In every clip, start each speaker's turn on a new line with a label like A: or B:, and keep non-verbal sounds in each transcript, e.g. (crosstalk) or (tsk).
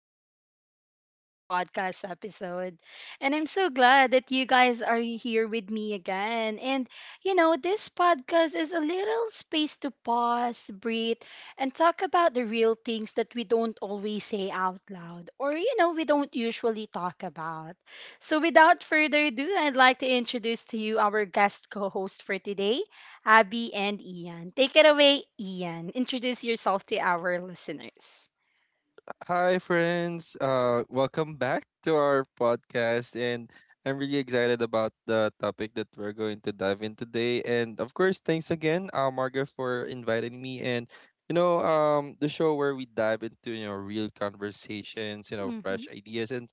A: welcome back to another podcast episode. And I'm so glad that you guys are here with me again. This podcast is a little space to pause, breathe, and talk about the real things that we don't always say out loud or we don't usually talk about. So, without further ado, I'd like to introduce to you our guest co host for today. Abby, and Ian. Take it away, Ian. Introduce yourself to our listeners.
B: Hi, friends. Welcome back to our podcast, and I'm really excited about the topic that we're going to dive in today. And of course, thanks again, Marga, for inviting me. And the show where we dive into real conversations,
A: Mm-hmm.
B: fresh ideas and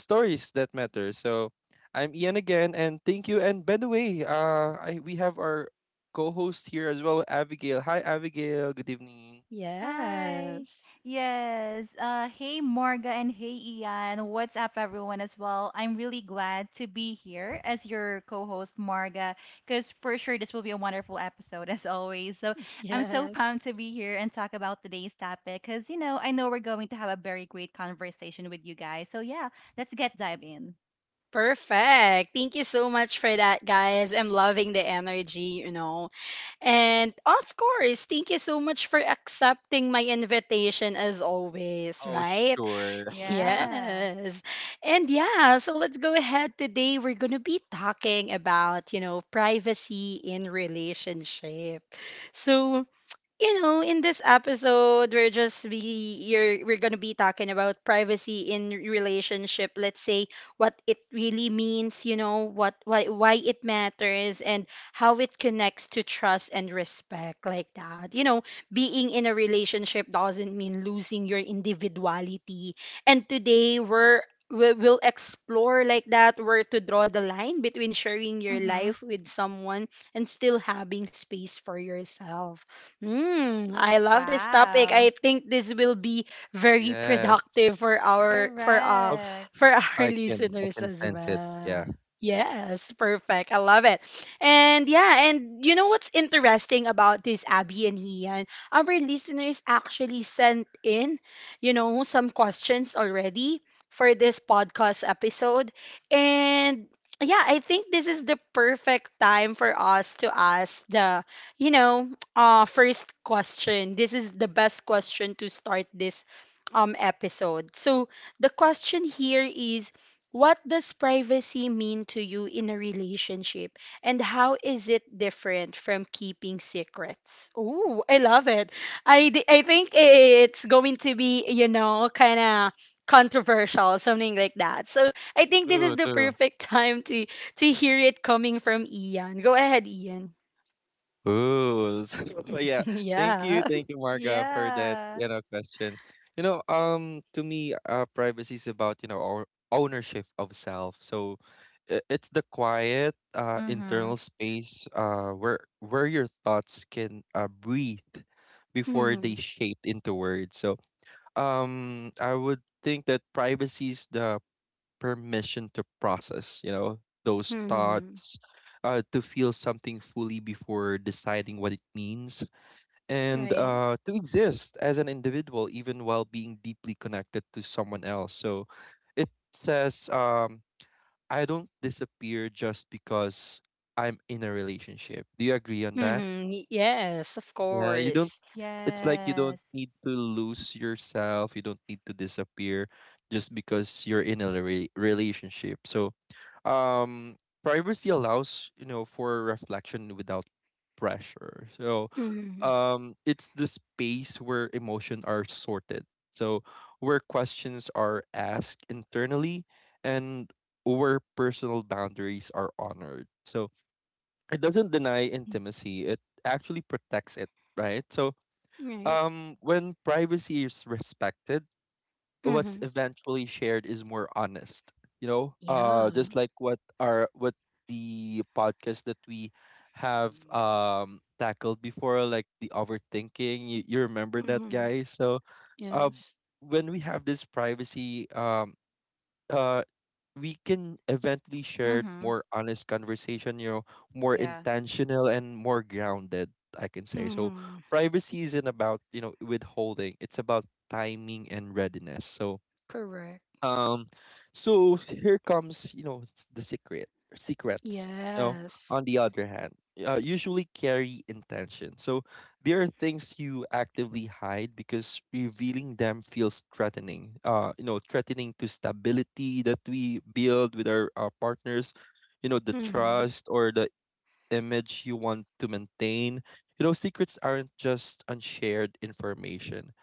B: stories that matter. So, I'm Ian again, and thank you. And by the way, I we have our co-host here as well, Abigail. Hi, Abigail. Good evening.
C: Hi.
A: Yes.
C: Yes. Hey, Morga and hey, Ian. What's up, everyone, as well? I'm really glad to be here as your co host, Morga, because for sure this will be a wonderful episode, (laughs) as always. So
A: (laughs)
C: I'm so
A: Yes.
C: pumped to be here and talk about today's topic because, you know, I know we're going to have a very great conversation with you guys. So, yeah, let's get dive in.
A: Perfect. Thank you so much for that, guys. I'm loving the energy, you know. And of course, thank you so much for accepting my invitation as always,
B: Oh,
A: right? (laughs)
B: sure. (laughs)
C: Yeah.
A: Yes. And yeah, so let's go ahead. Today we're going to be talking about, you know, privacy in relationship. So, you know, in this episode, we're gonna be talking about privacy in relationship. Let's say what it really means, you know, what why it matters and how it connects to trust and respect, like that. You know, being in a relationship doesn't mean losing your individuality. And today we will explore, like that, where to draw the line between sharing your
C: Mm-hmm.
A: life with someone and still having space for yourself. Mm, I love this topic.
C: Wow.
A: I think this will be very
B: Yes.
A: productive
B: Of
C: Correct.
A: for our (laughs)
B: I
A: listeners
B: can
A: as
B: sense it. Yeah.
A: well. Yes, perfect. I love it. And yeah, and you know what's interesting about this, Abby and Ian? Our listeners actually sent in, you know, some questions already for this podcast episode. And yeah, I think this is the perfect time for us to ask the, you know, first question. This is the best question to start this episode. So the question here is, what does privacy mean to you in a relationship and how is it different from keeping secrets? Ooh, I love it. I think it's going to be, you know, kind of controversial, something like that. So I think this is
B: True,
A: the
B: true.
A: perfect (laughs) time to hear it coming from Ian. Go ahead, Ian.
B: Ooh. (laughs) So yeah.
A: (laughs)
B: Thank you.
A: Yeah.
B: Thank you, Marga, for that,
C: Yeah.
B: question. To me, privacy is about, you know, our ownership of self. So it's the quiet internal
C: Mm-hmm.
B: space where your thoughts can breathe before they
A: (laughs)
B: shape into words. So I would think that privacy is the permission to process, you know, those
A: Mhm.
B: thoughts, to feel something fully before deciding what it means, and
A: Right.
B: to exist as an individual even while being deeply connected to someone else. So it says, I don't disappear just because I'm in a relationship. Do you agree on that?
A: Mhm. Yes, of
B: Yeah, you don't.
A: course.
B: It's like you don't
C: Yes.
B: need to lose yourself. You don't need to disappear just because you're in a relationship. So um privacy allows, you know, for reflection without pressure. So
A: Mhm.
B: it's the space where emotion are sorted, so where questions are asked internally, and where personal boundaries are honored. So it doesn't deny intimacy, it actually protects it, right? So
A: Right.
B: when privacy is respected, what's
A: Mhm.
B: eventually shared is more honest, you know,
A: Yeah.
B: just like what our what the podcast that we have
A: Mm.
B: tackled before, like the overthinking, you remember that,
A: Mhm.
B: guys? So um
A: Yes.
B: when we have this privacy, uh we can eventually share
C: Mhm.
B: more honest conversation, you know, more
C: Yeah.
B: intentional and more grounded, I can say. So
A: Mhm.
B: privacy isn't about, you know, withholding, it's about timing and readiness. So
A: Correct.
B: um, so here comes, you know, s- the secret secrets. You know,
A: Yes.
B: on the other hand, usually carry intention. So there are things you actively hide because revealing them feels threatening. You know, threatening to stability that we build with our partners. You know, the
A: Mhm.
B: trust or the image you want to maintain. You know, secrets aren't just unshared information,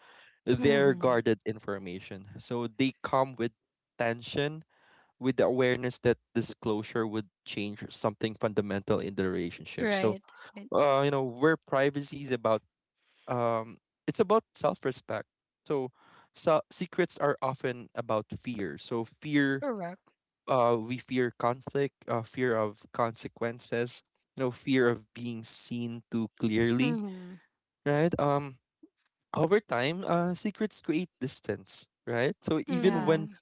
B: their
A: Mhm.
B: guarded information. So they come with tension, with the awareness that disclosure would change something fundamental in the relationship. So,
A: Right. Right.
B: you know, where privacy is about, um, it's about self respect. So, secrets are often about fear. So, fear,
A: Correct.
B: we fear conflict, fear of consequences, you know, fear of being seen too clearly,
A: Mhm.
B: right? Over time, secrets create distance, right? So even
C: Yeah.
B: when
A: Mhm.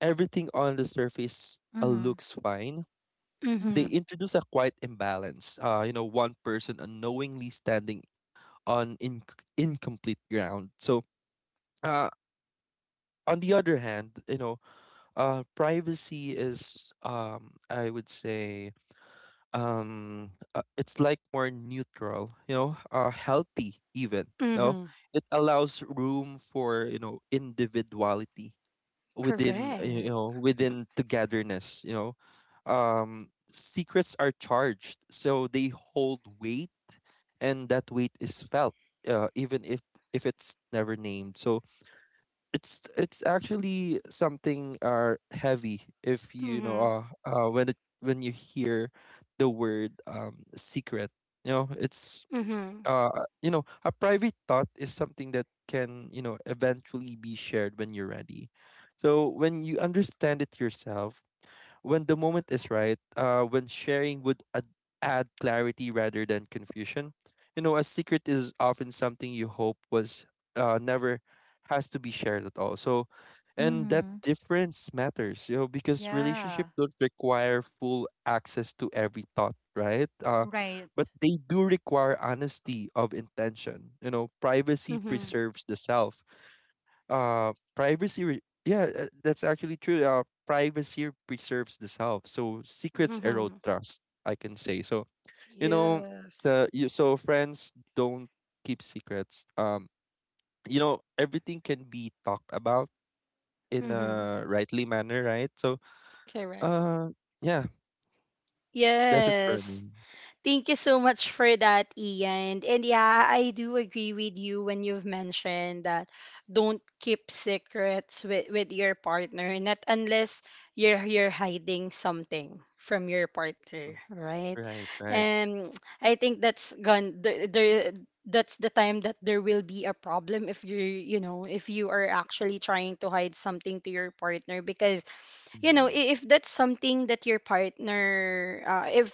B: everything on the surface
C: Mhm.
B: looks fine, they
A: Mhm.
C: Mhm.
B: introduce a quiet imbalance. You know, one person unknowingly standing on in- incomplete ground. So, uh, on the other hand, you know, privacy is, I would say, it's like more neutral. You know, healthy even. No,
A: Mhm.
B: it allows room for, you know, individuality within, you
A: Correct.
B: know, within togetherness, you know. Secrets are charged, so they hold weight, and that weight is felt, even if it's never named. So it's actually something heavy if, you know,
A: Mhm.
B: when you hear the word secret, you know. It's
A: Mhm.
B: you know, a private thought is something that can, you know, eventually be shared when you're ready, so when you understand it yourself, when the moment is right, when sharing would add clarity rather than confusion. You know, a secret is often something you hope was never has to be shared at all. So, and that
C: Mhm.
B: difference matters, you know, because
C: Yeah.
B: relationships don't require full access to every thought, right?
C: Right.
B: But they do require honesty of intention. You know, privacy
A: Mhm.
B: preserves the self, yeah, that's actually true, privacy preserves the self, so secrets erode
A: Mhm.
B: trust, I can say. So you know,
A: Yes.
B: so friends don't keep secrets. You know, everything can be talked about in
A: Mhm.
B: a rightly manner, right? So
A: Correct.
B: uh yeah, that's it for
A: Yes.
B: me.
A: Thank you so much for that, Ian. And yeah, I do agree with you when you've mentioned that don't keep secrets with your partner, not unless you're you're hiding something from your partner, right?
B: Right, right.
A: And I think that's gone there, there that's the time that there will be a problem if you you know if you are actually trying to hide something to your partner because you know
B: Mhm.
A: I- if that's something that your partner if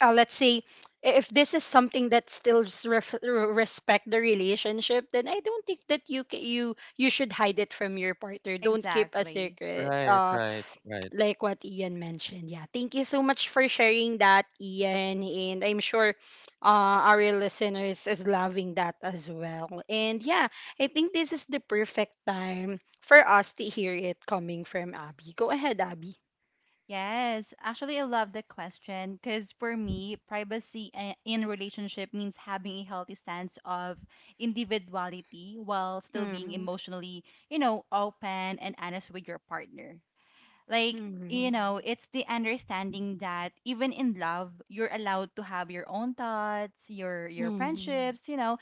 A: let's say I- if this is something that still s- ref- r- respect the relationship, then I don't think that you ca- you should hide it from your partner. Don't keep a
C: Exactly.
A: secret.
B: Right, right, right.
A: Like what Ian mentioned. Yeah. Thank you so much for sharing that, Ian. And I'm sure our listeners is loving that as well. And yeah, I think this is the perfect time for us to hear it coming from Abby. Go ahead, Abby.
C: Yes. Actually, I love the question because for me, privacy in relationship means having a healthy sense of individuality while still being
A: Mm-hmm.
C: emotionally, you know, open and honest with your partner. Like, you
A: Mm-hmm.
C: know, it's the understanding that even in love, you're allowed to have your own thoughts, your
A: Mm-hmm.
C: friendships, you know,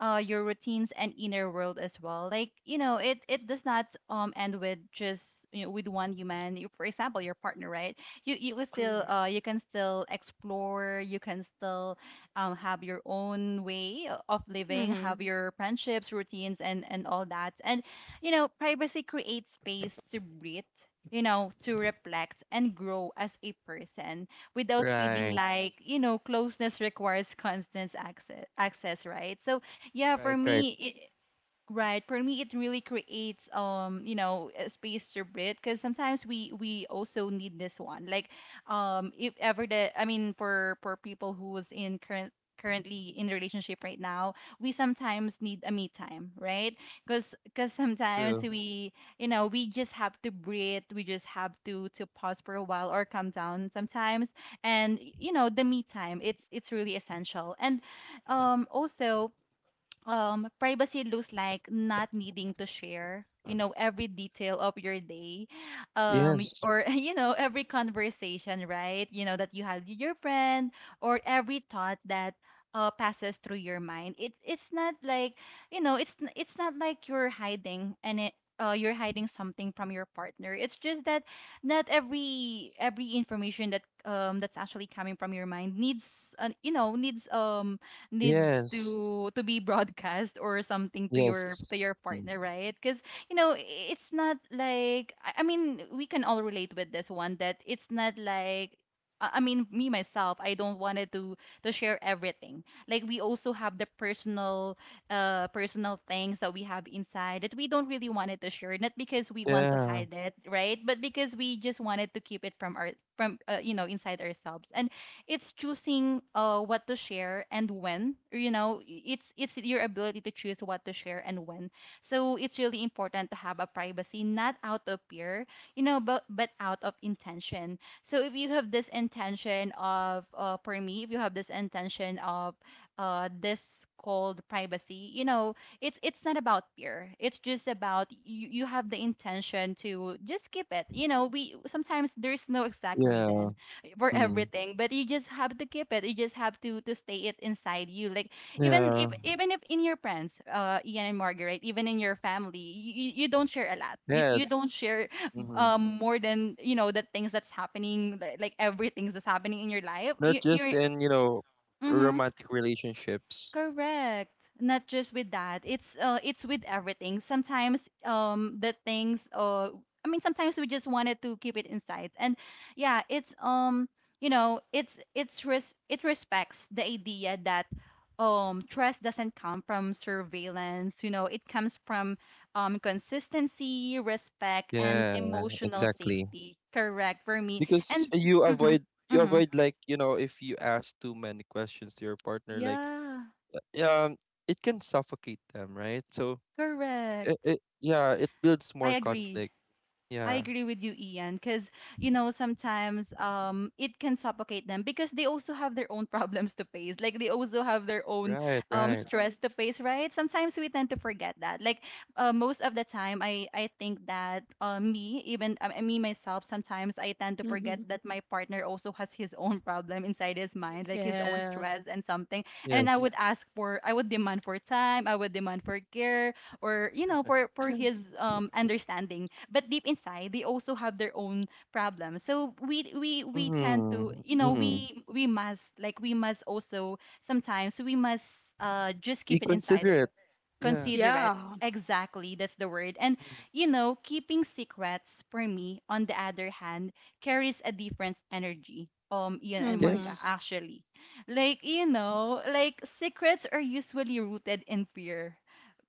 C: uh, your routines and inner world as well. Like, it does not end with just with one human. You, for example, your partner, right? You can still
A: Correct.
C: explore. You can still have your own way of living,
A: Mm-hmm.
C: have your friendships, routines, and all that. And privacy creates space to breathe, to reflect and grow as a person without feeling
B: Right,
C: like, closeness requires constant access, right? So, yeah,
B: right, right.
C: Right. For me, it really creates a space to breathe because sometimes we also need this one. Like, if ever the I mean, for people who is in currently in relationship right now, we sometimes need a me time, right? Because sometimes
B: True.
C: we you know we just have to breathe. We just have to pause for a while or calm down sometimes. And the me time, it's really essential. And also privacy looks like not needing to share every detail of your day,
B: Yes,
C: or (laughs) every conversation, right, that you have with your friend, or every thought that passes through your mind. It's not like, it's it's not like you're hiding, and it you're hiding something from your partner. It's just that not every information that that's actually coming from your mind needs an you know needs needs
B: yes,
C: to be broadcast or something to your
B: yes.
C: to your
B: Mm.
C: partner, right? Because you know it's not like I mean we can all relate with this one that it's not like, I mean, me myself, I don't wanted to share everything. Like we also have the personal things that we have inside that we don't really wanted to share. Not because we want to
B: Yeah.
C: hide it, right? But because we just wanted to keep it from our, from you know, inside ourselves. And it's choosing what to share and when. It's your ability to choose what to share and when, so it's really important to have a privacy not out of fear, but out of intention. So if you have this intention of for me, if you have this intention of this called privacy, it's not about fear. It's just about, you have the intention to just keep it. You know we sometimes There's no exact
B: Yeah.
C: reason for
B: Mm.
C: everything, but you just have to keep it, you just have to stay it inside you. Like, even if
B: Yeah.
C: even if in your friends, Ian and Margaret, even in your family, you don't share a lot, you,
B: Yeah.
C: you don't share
B: Hmm.
C: more than, the things that's happening, like everything that's happening in your life, you,
B: Not just
C: you're
B: in, you know,
C: Mhm.
B: romantic relationships.
C: Correct. Not just with that. It's with everything. Sometimes the things, I mean, sometimes we just wanted to keep it inside. And yeah, it's you know, it's res- it respects the idea that trust doesn't come from surveillance, it comes from consistency, respect and
B: Yeah,
C: emotional
B: exactly.
C: safety. Correct for me. And
B: Because you
C: mhm.
B: avoid
C: Mhm.
B: like, you know, if you ask too many questions to your partner, like
C: Yeah.
B: uh, um it can suffocate them, right? So
C: Correct.
B: it, yeah, it builds
C: I
B: more
C: agree.
B: conflict.
C: I
B: Yeah.
C: agree with you, Ian, because sometimes it can suffocate them, because they also have their own (laughs) problems to face. Like, they also have their own
B: Right, right.
C: stress to face, right? Sometimes we tend to forget that. Like, most of the time, I think that, me myself, sometimes I tend to
A: Mm-hmm.
C: forget that my partner also has his (laughs) own problem inside his mind, like his own
A: Yeah.
C: stress and something. And I, yeah,
B: Yes.
C: would ask for, I would demand for time, I would demand for care, or for his understanding, but deep inside they also have their own problems, so we tend to,
B: Mm-hmm.
C: you know
B: Mm-hmm.
C: we we must, like we must also, sometimes we must just
B: Be
C: keep it inside,
B: considerate. Yeah.
C: consider it.
A: Yeah.
C: Exactly, that's the word. And
B: Mhm.
C: keeping secrets, for me, on the other hand, carries a different energy, Ian and
A: Mm-hmm.
C: Marga,
B: Yes.
C: actually. Like, like secrets are usually rooted in fear,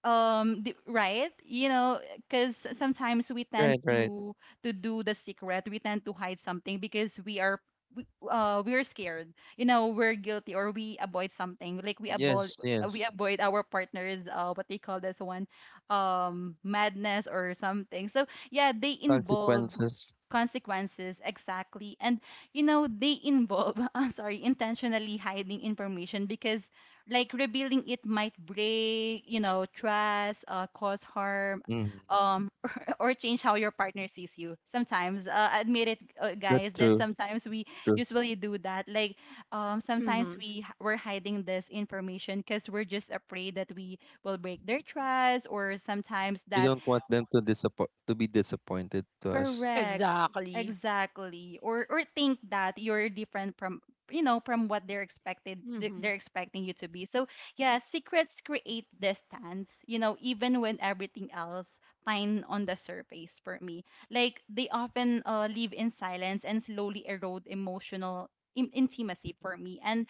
C: right? Because sometimes we tend
B: Right, right.
C: to, do the secret, we tend to hide something because we're scared, we're guilty, or we avoid something, like we avoid
B: Yes,
C: we
B: yes.
C: avoid our partners, what they call this one, madness or something. So yeah, they involve
B: Consequences.
C: consequences. Exactly. And they involve (laughs) I'm sorry, intentionally hiding information because, like, rebuilding it might break, you know, trust, cause harm,
B: Mm,
C: um, (laughs) or change how your partner sees you. Sometimes, admit it,
B: that's
C: guys, that
B: true.
C: sometimes we
B: True.
C: usually do that. Like, sometimes
A: Mm-hmm.
C: we're hiding this information because we're just afraid that we will break their trust, or sometimes
B: You
C: that
B: don't want them to disappoint to be disappointed to us.
C: Correct.
A: Exactly.
C: Exactly. Or think that you're different from, from what they're expected th-
A: Mm-hmm.
C: they're expecting you to be. So yeah, secrets create distance, you know, even when everything else fine on the surface for me. Like they often live in silence and slowly erode emotional intimacy for me. And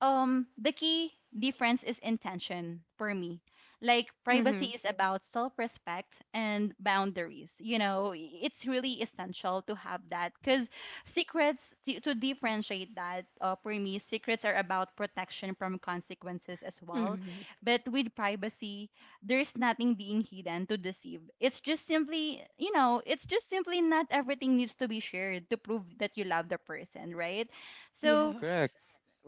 C: the key difference is intention for me, like
A: Mm-hmm.
C: privacy is about self-respect and boundaries, it's really essential to have that, because secrets, to, differentiate that, for me, secrets are about protection from consequences as well.
A: Mm-hmm.
C: But with privacy, there's nothing being hidden to deceive, it's just simply not everything needs to be shared to prove that you love the person, right? So
A: Yes.
B: Correct.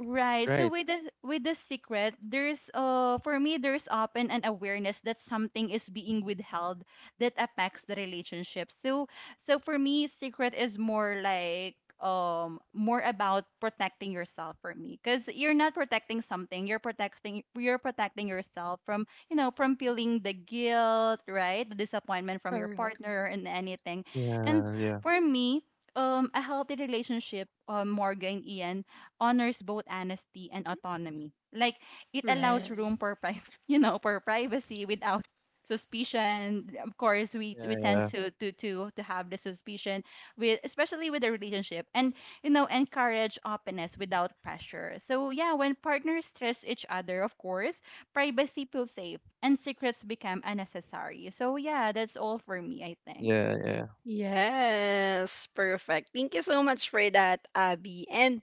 C: right. So
B: Right.
C: with the secret, there's for me, there's often an awareness that something is being withheld that affects the relationship. So for me, secret is more like, more about protecting yourself, for me, because you're not protecting something, you're protecting yourself from, from feeling the guilt, right, the disappointment from your
A: Correct.
C: partner and anything. And
B: Yeah, yeah.
C: for me, a healthy relationship, Morgan, Ian, honors both honesty and autonomy. Like, it allows
A: Rest.
C: room for (laughs) for privacy without suspicion. Of course, we
B: Yeah,
C: tend
B: yeah.
C: to have the suspicion, with especially with a relationship, and encourage openness without pressure. So yeah, when partners trust each other, of course, privacy feels safe and secrets become unnecessary. So yeah, that's all for me, I think.
B: Yeah, yeah.
A: Yes, perfect. Thank you so much for that, Abby. And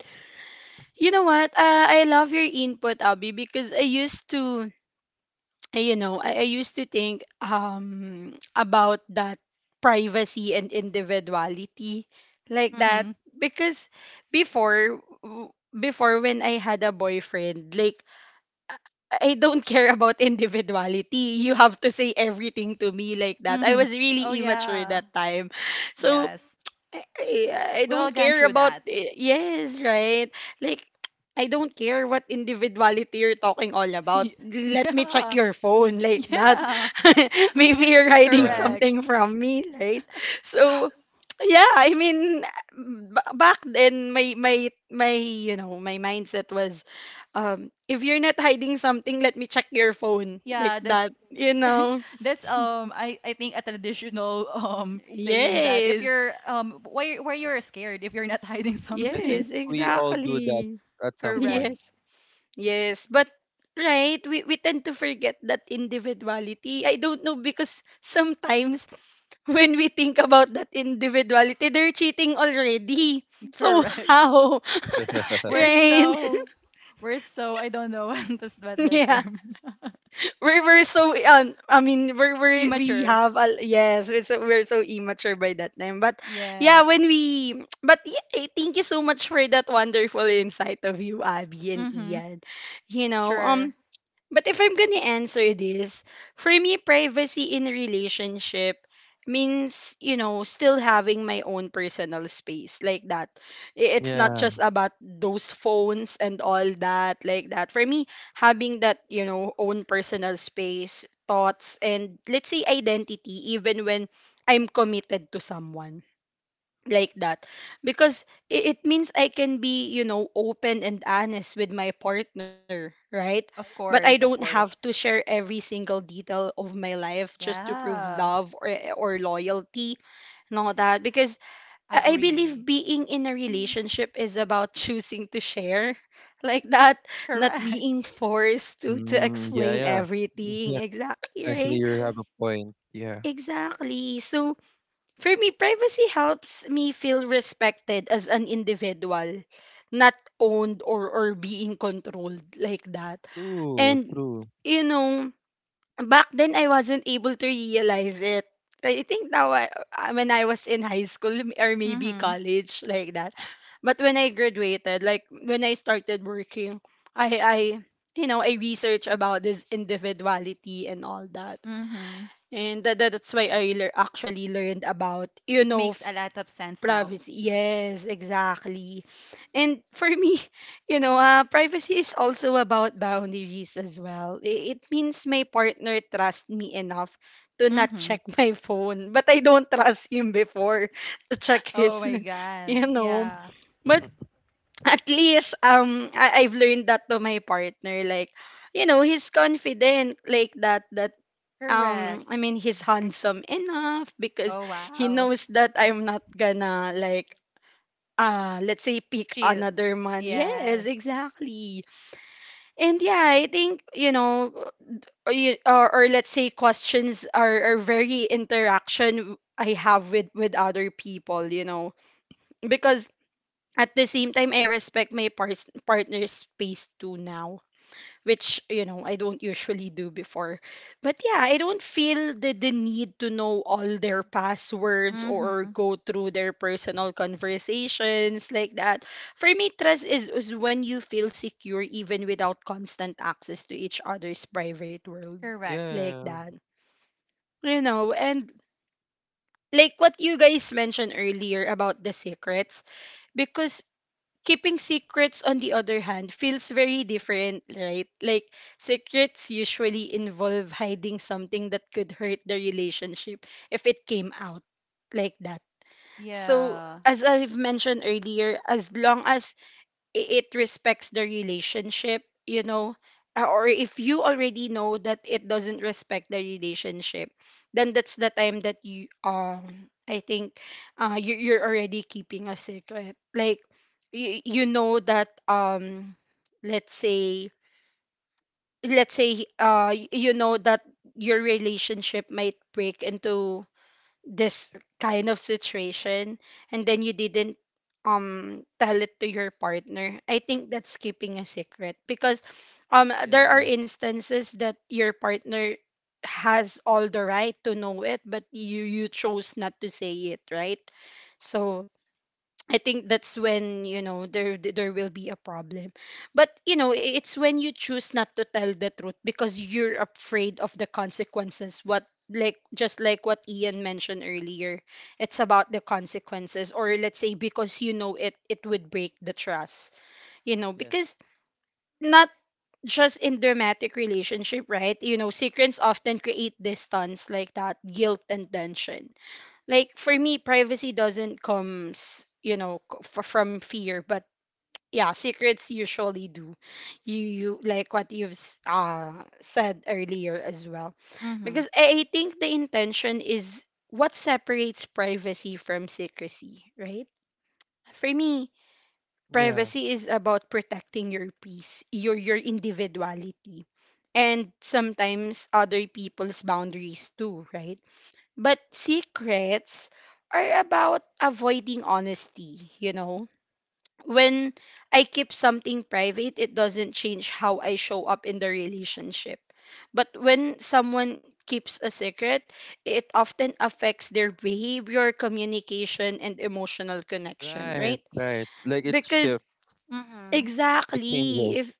A: you know what? I love your input, Abby, because I used to, (tsk) you know, I used to think about that privacy and individuality, like that,
C: Mhm.
A: because before, when I had a boyfriend, like, I don't (laughs) care about individuality. You have to say everything to me, like that. I
C: Mhm.
A: was
C: Oh
A: really immature
C: yeah.
A: that time. So,
C: Yes.
A: I
C: We all
A: don't
C: gone
A: care
C: through
A: about
C: that.
A: yes, right? Like, I don't care what individuality you're talking all about.
C: Y-
A: Let me check
C: Yeah,
A: your phone, like that.
C: yeah,
A: (laughs) Maybe you're
C: (laughs)
A: hiding
B: Yeah.
C: correct.
A: something from me, right? So yeah, I mean, back then my my you know, my mindset was, if you're not hiding something, let me check your phone, like
C: Yeah, that's
A: that, you
C: (laughs)
A: know.
C: that's I think a traditional (laughs) saying that, if
A: Yes.
C: you're why you're scared if you're not (laughs) hiding
B: I
C: something.
B: think
A: Yes,
B: we all do that
A: exactly. (laughs)
B: at some
C: Correct,
B: point.
A: Yes. Yes, but right, we tend to forget that individuality. I don't know, because sometimes (laughs) when we think about that individuality, they're cheating already. So
C: correct.
A: how,
B: (laughs)
A: (laughs)
C: We're
A: right?
C: so we're so I don't know (laughs) what
A: (laughs)
C: that
A: Yeah,
C: term. (laughs)
A: we're so I mean we
C: Immature.
A: have a, yes, we're so immature by that time. But yeah,
C: Yes.
A: when we (tsk) but yeah, eh, thank you so much for that wonderful insight of you, Abby and
C: Mm-hmm.
A: Ian. You know,
C: Sure.
A: but if I'm gonna answer this, for me, privacy in a relationship means, you know, still having my own personal space, like that. It's not
B: Yeah.
A: just about those phones and all that, like that. For me, having that, you know, own personal space, thoughts, and let's say identity, even when I'm committed to someone, like that, because it means I can be, you know, open and honest with my partner, right?
C: Of
A: But I
C: course, of
A: don't
C: course.
A: have to share every single detail of my life just to prove
C: Yeah.
A: love, or loyalty and all that, because I
C: Agree.
A: believe being in a relationship is about (laughs) choosing to share, like that, not
C: Correct.
A: being forced to
B: Mm, yeah,
A: explain
B: yeah. Mm, yeah.
A: everything. Exactly,
B: Actually,
A: right?
B: you have a point. Yeah.
A: Exactly. So for me, privacy helps me feel respected as an individual, not owned, or being controlled, like that.
B: True,
A: And,
B: true.
A: you know, back then I wasn't able to realize it. I think now, when I was in high school or maybe
C: Mm-hmm.
A: college, like that. But when I graduated, like when I started working, I you know, I research about this individuality and all that.
C: Mm-hmm.
A: And that, that's why I actually learned about, you
C: It
A: know,
C: makes a lot of sense now.
A: privacy. Yes, exactly. And for me, (laughs) you know, privacy is also about boundaries as well. It means my partner trusts me enough to not
C: Mm-hmm.
A: check (laughs) my phone, but I don't trust him before (laughs) to check
C: Oh
A: his,
C: my
A: (laughs)
C: God.
A: you know.
C: Yeah.
A: But
B: (laughs)
A: at least I've learned that to my partner. Like, you know, he's confident, like that, that I
C: Correct.
A: mean he's handsome enough because
C: Oh
A: he
C: wow.
A: knows that I'm not gonna, like, ah, let's say, pick
C: She.
A: another man. Yes,
C: Yes.
A: exactly. And yeah, I think, you know, or let's say questions are very interaction I have with other people, you know, because at the same time, I respect my partner's space too now, which you know I don't usually do before. But yeah, I don't feel the need to know all their passwords or
C: Mm-hmm.
A: go through their personal conversations, like that. For me, is when you feel secure even without constant access to each other's private world,
C: Correct.
A: like
B: Yeah.
A: that. You know, and like what you guys mentioned earlier about the secrets, because keeping secrets on the other hand feels very different, right? Like, secrets usually involve hiding something that could hurt the relationship if it came out, like that. So
C: Yeah.
A: as I've mentioned earlier, as long as it respects the relationship, you know, uh, or if you already know that it doesn't respect the relationship, then that's the time that you I think you you're already keeping a secret. Like, you know that let's say let's say you know that your relationship might break into this kind of situation, and then you didn't tell it to your partner, I think that's keeping a secret, because there are
B: Yeah.
A: instances that your partner has all the right to know it, but you chose not to say it, right? So I think that's when, you know, there will be a problem. But you know, it's when you choose not to tell the truth because you're afraid of the consequences. What, like just like what Ian mentioned earlier, it's about the consequences, or let's say because you know it it would break the trust. You know,
B: Yes.
A: because not just in dramatic relationship, right? You know, secrets often create distance, like that, guilt and tension. Like, for me, privacy doesn't comes, you know, from fear, but yeah, secrets usually do. You like what you've said earlier as well.
C: Mm-hmm.
A: Because I think the intention is what separates privacy from secrecy, right? For me,
B: Yeah.
A: privacy is about protecting your peace, your individuality, and sometimes other people's boundaries too, right? But secrets are about avoiding honesty, you know? When I keep something private, it doesn't change how I show up in the relationship. But when someone keeps a secret, it often affects their behavior, communication, and emotional connection,
B: Right,
A: right?
B: right. Like it
A: Because
B: shifts.
C: Mm-hmm.
B: It
A: exactly, if
B: changes.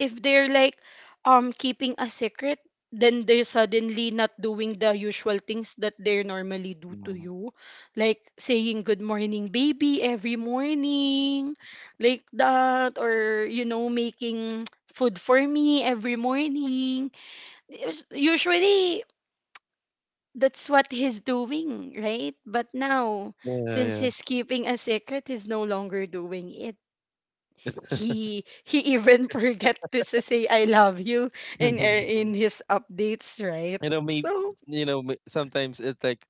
A: if they're keeping a secret, then they're suddenly not doing the usual things that they normally do to
B: Mm.
A: you, like saying good morning baby every morning like that, or making (tsk) food for me every morning. Usually that's what he's doing, right? But now,
B: Yeah,
A: since
B: yeah.
A: he's keeping a secret, he's no longer doing it. He even (laughs) forget to say I love you in
B: (laughs)
A: his updates, right?
B: You know, me,
A: So
B: sometimes it's like,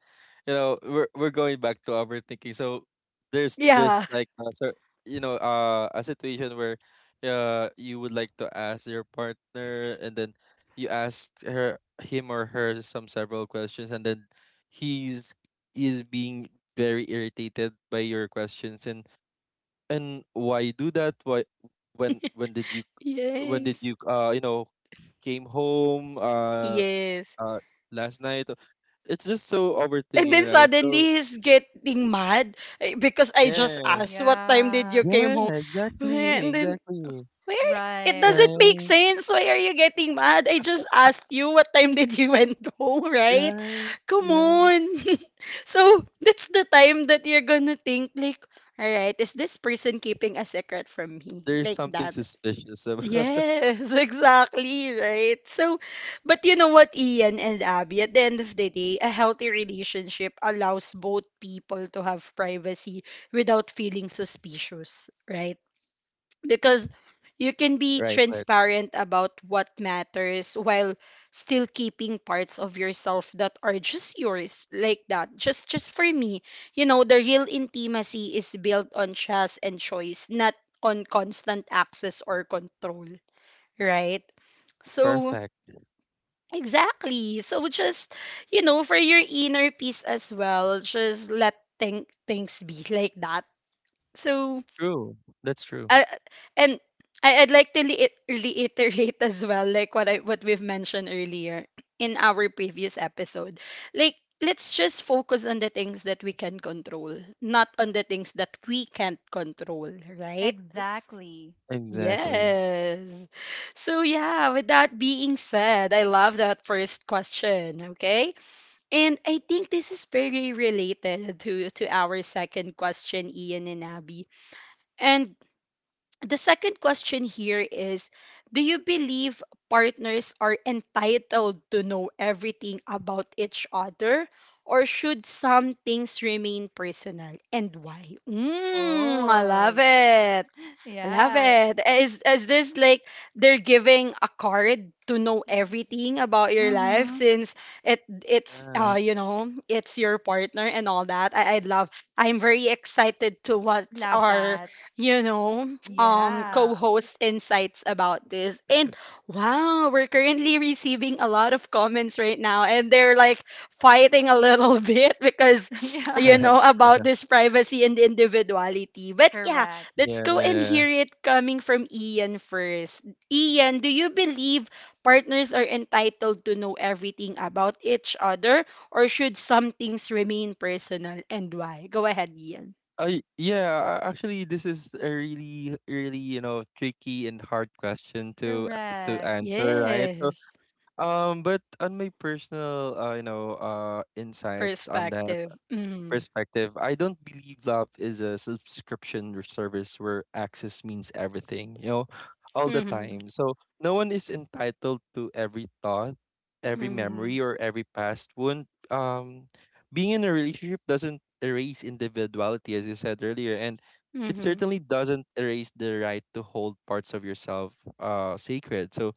B: you know, we're going back to overthinking. So there's
A: yeah,
B: just like, you know, a situation where, you would like to ask your partner, and then you ask her, him or her, some several questions, and then he's is being very irritated by your questions, and why do that why when did you
A: yes,
B: you know, came home,
A: yes.
B: uh last night. It's just so
A: And then
B: overthinking, right? So
A: suddenly he's getting mad eh, because I just asked
B: yes.
A: what time did
C: Yeah.
A: you came
B: Yeah,
A: home. Eh,
B: exactly,
A: and then
B: exactly.
A: why are it
C: Right.
A: doesn't make
B: Right,
A: sense. Why are you getting mad? I just asked you what time did you went (laughs) home, right?
B: right,
A: Come
B: right.
A: on. (laughs) So that's the time that you're gonna think like, all right, is this person keeping a secret from me?
B: There's
A: Like
B: something
A: that.
B: suspicious about.
A: Yes, (laughs) exactly, right? So, but you know what, Ian and Abby, at the end of the day, a healthy relationship allows both people to have privacy without feeling suspicious, right? Because you can
B: (laughs)
A: be
B: Right, right.
A: transparent about what matters while still keeping parts of yourself that are just yours, like that, just for me. You know, the real intimacy is built on trust and choice, not on constant access or control, right? So
B: Perfect.
A: exactly, so just, you know, for your inner peace as well, just let things be like that. So
B: True, that's true.
A: uh, and I'd like to reiterate (laughs) as well, like what I what we've mentioned earlier in our previous episode. Like, let's just focus on the things that we can control, not on the things that we can't control, right?
C: Exactly.
B: Exactly.
A: Yes. So yeah, with that being said, I love that first question, okay? And I think this is very related to our second question, Ian and Abby. And the second question here is, do you believe partners are entitled to know everything about each other, or should some things remain personal, and why? Hmm, I
C: Oh.
A: love it.
C: (laughs)
A: I love
C: Yeah.
A: it. Is this like they're giving a card to know everything about your life,
C: Mm-hmm.
A: since it it's
B: Yeah.
A: uh you know, it's your partner and all that. I love. I'm very excited to what
C: Love
A: our
C: that.
A: you know, um,
C: Yeah. (laughs)
A: co-host insights about this. And wow, we're currently receiving a lot of comments right now, and they're like fighting a little (laughs) bit, because
C: Yeah.
A: you know,
B: (laughs)
A: about this privacy and individuality. But yeah.
C: Correct.
A: Let's
B: Yeah,
A: go and
B: yeah.
A: hear it coming from Ian first. Ian, do you believe partners are entitled to know everything about each other, or should some things remain personal, and why? Go ahead, Ian.
B: Yeah, actually, this is a really, really, you know, tricky and hard question to
C: Correct.
B: answer, right? So,
A: Yes,
B: but on my personal, you know, insights on
A: perspective.
B: that,
A: Mm,
B: perspective, I don't believe love is a subscription or service where access means everything, you know, all the
A: mm,
B: time. So no one is entitled to every thought, every
A: mm,
B: memory, or every past wound. Being in a relationship doesn't erase individuality, as you said earlier, and it
A: mm,
B: certainly doesn't erase the right to hold parts of yourself sacred. So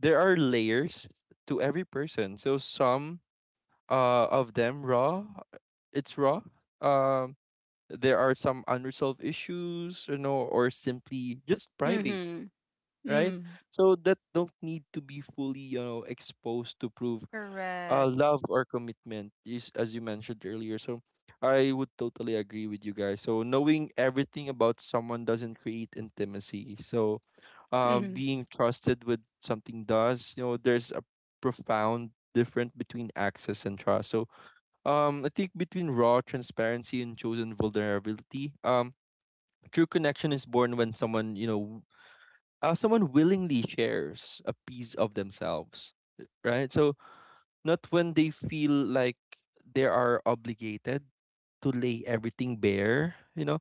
B: there are layers to every person. So some of them raw, it's raw. um there are some unresolved issues, you know, or simply just private,
A: mm,
B: right?
A: mm,
B: So that don't need to be fully, you know, exposed to prove
C: Correct.
B: love or commitment is, as you mentioned earlier. So I would totally agree with you guys. So knowing everything about someone doesn't create intimacy. So
A: mm.
B: being trusted with something does, you know. There's a profound difference between access and trust. So I think between raw transparency and chosen vulnerability, true connection is born when someone, you know, someone willingly shares a piece of themselves, right? So not when they feel like they are obligated to lay everything bare. You know,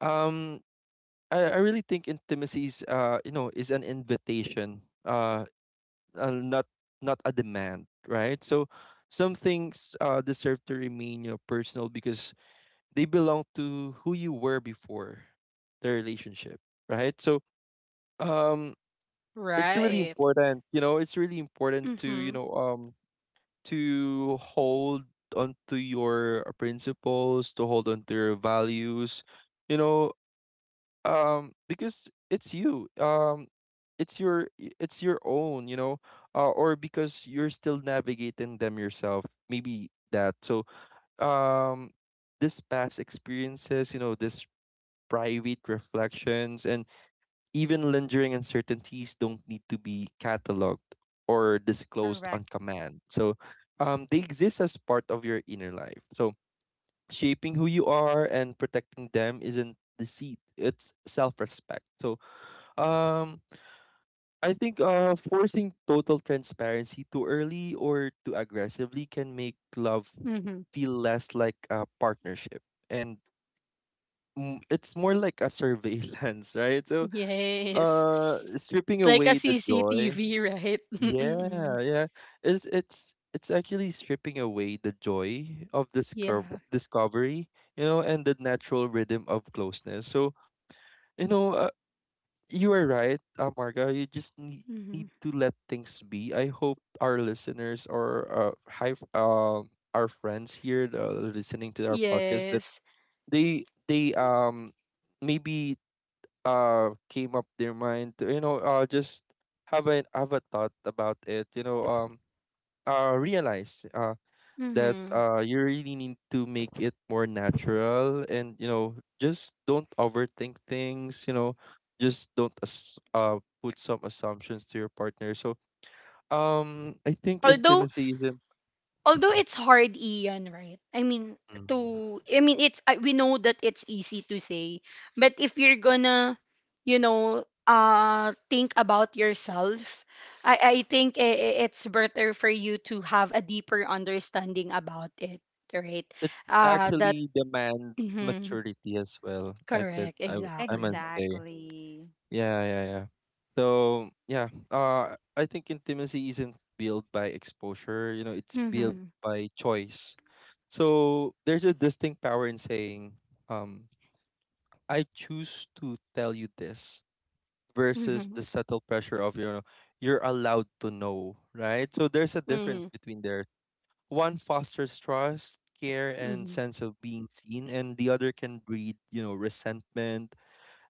B: um, I really think intimacy is, you know, is an invitation, not a demand, right? So some things deserve to remain, you know, personal because they belong to who you were before the relationship, right? So um it's really
A: Right.
B: important, you know, it's really important to, you
A: Mm-hmm,
B: know, to hold onto your, principles, to hold on to your values, you know, because it's you. It's your own, you know, or because you're still navigating them yourself. Maybe that. So um this past experiences, you know, this private reflections, and even lingering uncertainties don't need to be cataloged or disclosed
C: Correct.
B: on command. So they exist as part of your inner life. So shaping who you are and protecting them isn't deceit, it's self respect. So um, I think forcing total transparency too early or too aggressively can make love
A: mm-hmm.
B: feel less like a partnership and it's more like a surveillance, (laughs) right? So
A: Yes.
B: Stripping
A: It's like a
B: away the joy.
A: CCTV, right? (laughs)
B: Yeah,
A: Mm-mm.
B: yeah. It's actually stripping away the joy of
A: Yeah.
B: discovery, you know, and the natural rhythm of closeness. So, you know, you are right, Marga. You just need to let things be. I hope our listeners or, hi, our friends here, listening to our podcast, that
A: Yes.
B: they maybe came up their mind to, you know, just have a thought about it, you know, realize that,
A: Mm-hmm.
B: you really need to make it more natural and, you know, just don't overthink things, you know, just don't put some assumptions to your partner. So I think
A: Although
B: intimacy isn't
A: although it's hard, Ian, right? I mean,
B: Mm.
A: to, I mean, it's, I, we know that it's easy to say, but if you're gonna, you know, think about yourself, I think it's better for you to have a deeper understanding about it, right?
B: It
A: That
B: actually demands
A: mm-hmm,
B: maturity as well, I could,
A: correct,
B: I must
A: exactly.
B: say.
C: Exactly.
B: Yeah, yeah, yeah. So yeah, I think intimacy isn't built by exposure. You know, it's built
A: Mm-hmm.
B: by choice. So there's a distinct power in saying, um, "I choose to tell you this," versus
A: Mm-hmm.
B: the subtle pressure of you're allowed to know, right? So there's a
A: Mm-hmm.
B: difference between there. One fosters trust, care, and
A: Mm-hmm.
B: sense of being seen, and the other can breed, you know, resentment.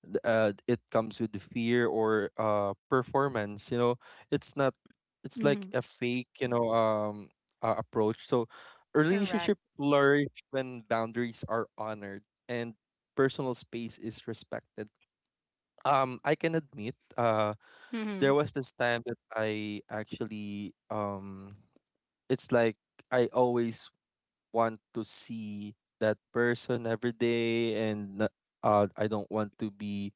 B: It comes with fear or performance, you know. It's not, it's like
A: Mm-hmm.
B: a fake, you know. Approach. So a
C: Correct.
B: relationship flourish when boundaries are honored and personal space is respected. I can admit,
A: Mm-hmm.
B: there was this time that I actually, it's like I always want to see that person every day and I don't want to be,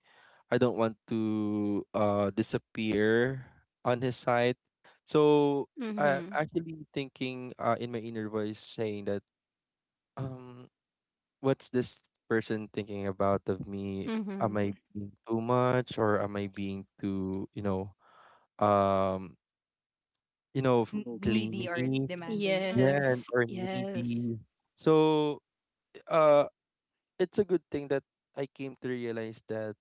B: I don't want to disappear on his side. So I'm actually thinking, in my inner voice, saying that, um what's this person thinking about of me? Am I
A: Mm-hmm.
B: being too much or am I being too, you know, um, you know, f-
C: Oh, needy or
B: clingy,
C: demanding. Mm-hmm. Of
B: yeah,
A: Yes,
B: or
A: yes.
B: needy. So uh it's a good thing that I came to realize that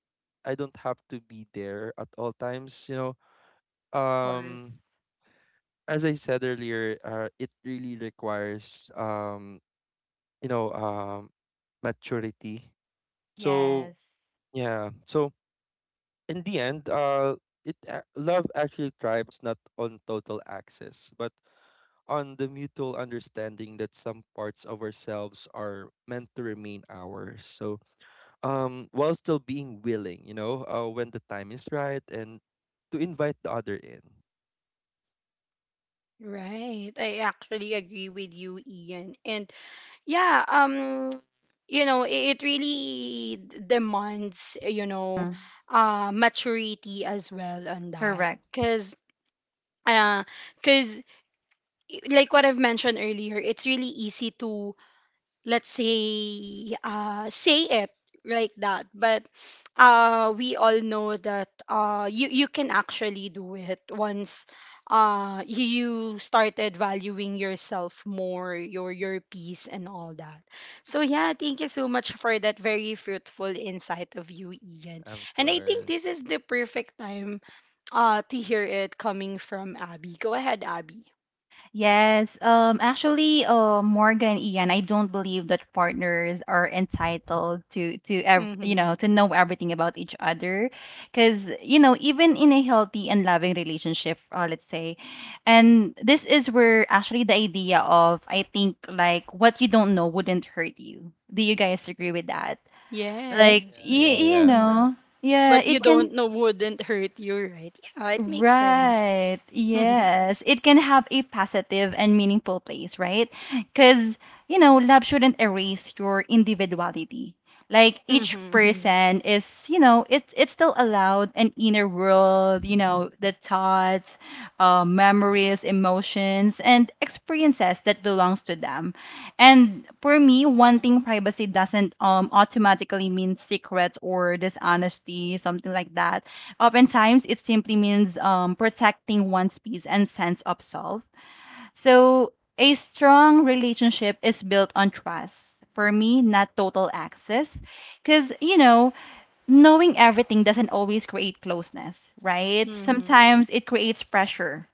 B: I don't have to be there at all times, you know.
C: course.
B: um as I said earlier, it really requires you know um maturity.
C: Yes.
B: So yeah, so in the end, love actually thrives not on total access, but on the mutual understanding that some parts of ourselves are meant to remain ours. So while still being willing, you know, when the time is right and to invite the other in.
A: Right. I actually agree with you, Ian. And yeah, (tsk) you know, it really demands, you know,
C: Mm-hmm.
A: maturity as well on that.
C: Correct.
A: Cuz uh cuz like what I've mentioned earlier, it's really easy to, let's say, say it like that, but we all know that you you can actually do it once you started valuing yourself more, your peace and all that. So yeah, thank you so much for that very fruitful insight of you, Ian.
B: Of
A: And I think
B: course.
A: this is the perfect time to hear it coming from Abby. Go ahead, Abby.
C: Yes. Actually, Morgan, Ian, I don't believe that partners are entitled to to ev- you
A: Mm-hmm.
C: know to know everything about each other, because even in a healthy and loving relationship, let's say, and this is where actually the idea of, I think, like, what you don't know wouldn't hurt you. Do you guys agree with that? Right? Like,
B: Yeah,
A: Yes.
C: you
B: yeah,
C: you
B: yeah.
C: know, yeah,
A: What you
C: it can.
A: don't know wouldn't hurt you, right? Yeah, it makes sense.
C: Right.
A: (laughs)
C: Yes. It can have a positive and meaningful place, right? Because, love shouldn't erase your individuality. Like each Mhm.
A: Mm-hmm.
C: person is, it's still allowed an inner world, you know, the thoughts, memories, emotions, and experiences that belongs to them. And for me, wanting privacy doesn't automatically mean secrets or dishonesty, something like that. Oftentimes, it simply means protecting one's peace and sense of self. So, a strong relationship is built on trust, for me, not total access. Because, you know, knowing everything doesn't always create closeness, right?
A: Mm-hmm.
C: Sometimes it creates pressure.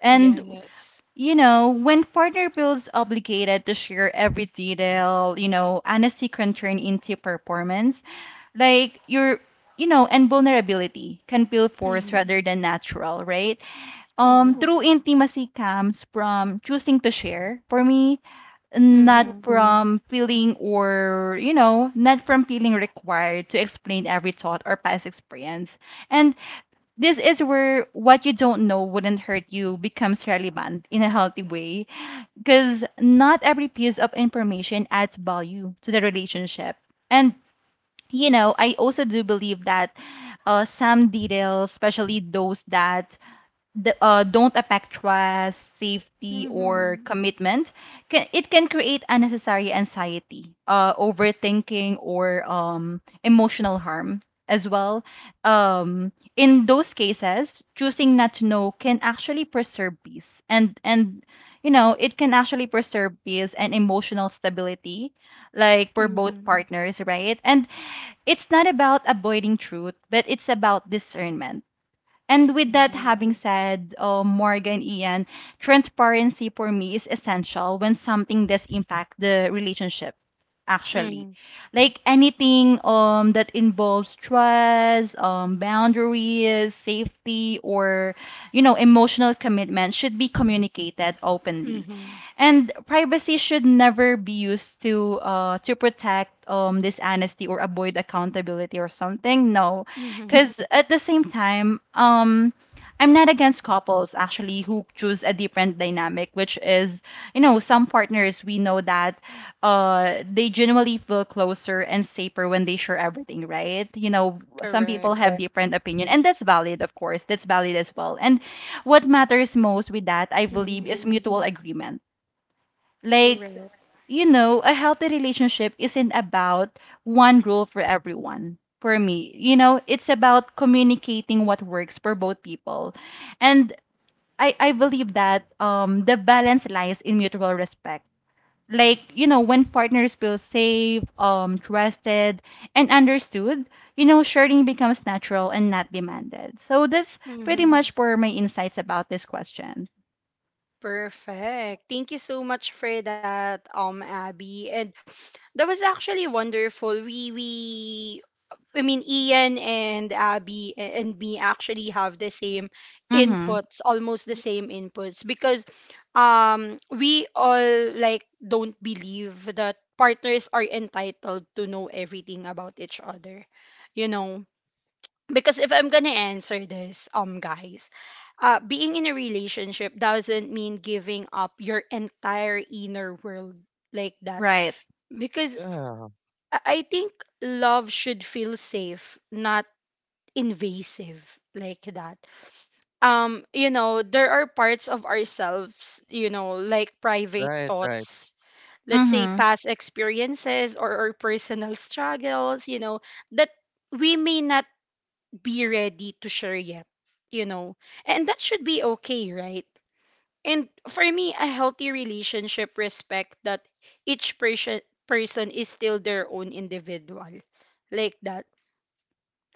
C: And,
A: Yes.
C: you know, when partner feels obligated to share every detail, you know, honesty can turn into performance like your. And vulnerability can feel forced
A: Mm-hmm.
C: rather than natural, right? True
A: Exactly.
C: intimacy comes from choosing to share, for me, not
A: Mm-hmm.
C: from feeling or not from feeling required to explain every thought or past experience. And this is where what you don't know wouldn't hurt you becomes relevant in a healthy way, because not every piece of information adds value to the relationship. And you know, I also do believe that some details, especially those that don't affect trust, safety, or
A: Mm-hmm.
C: commitment, it can create unnecessary anxiety, overthinking, or emotional harm as well. In those cases, choosing not to know can actually preserve peace, it can actually preserve peace and emotional stability, like for both
A: Mm-hmm.
C: partners, right? And it's not about avoiding truth, but it's about discernment. And with that
A: Right.
C: having said, Morgan, Ian, transparency for me is essential when something does impact the relationship, actually.
A: Mm-hmm.
C: Like anything that involves trust, boundaries, safety, or, you know, emotional commitment should be communicated openly.
A: Mm-hmm.
C: And privacy should never be used to protect dishonesty or avoid accountability or something. No, because
A: Mm-hmm.
C: at the same time, I'm not against couples actually who choose a different dynamic, which is you know some partners we know that they genuinely feel closer and safer when they share everything, right? You know, some people
A: Correct.
C: have, right, different opinion, and that's valid, of course. That's valid as well. And what matters most with that, I believe, is
A: Mm-hmm.
C: mutual agreement. Like,
A: Correct.
C: you know, a healthy relationship isn't about one rule for everyone. For me, you know, it's about communicating what works for both people. And I believe that the balance lies in mutual respect. Like, you know, when partners feel safe, trusted, and understood, you know, sharing becomes natural and not demanded. So that's pretty much
A: Mm-hmm.
C: for my insights about this question.
A: Perfect. Thank you so much for that, Abby. And that was actually wonderful. We I mean, Ian and Abby and me actually have the same
C: Mm-hmm.
A: inputs, almost the same inputs, because we all like don't believe that partners are entitled to know everything about each other, you know. Because if I'm gonna answer this, guys, being in a relationship doesn't mean giving up your entire inner world like that.
C: Right.
A: Because
B: Yeah,
A: I think love should feel safe, not invasive, like that. Um, you know, there are parts of ourselves, you know, like private
B: right, right,
A: thoughts, let's say
C: Mm-hmm.
A: past experiences, or personal struggles, you know, that we may not be ready to share yet, you know, and that should be okay, right? And for me, a healthy relationship respect that each person is still their own individual, like that.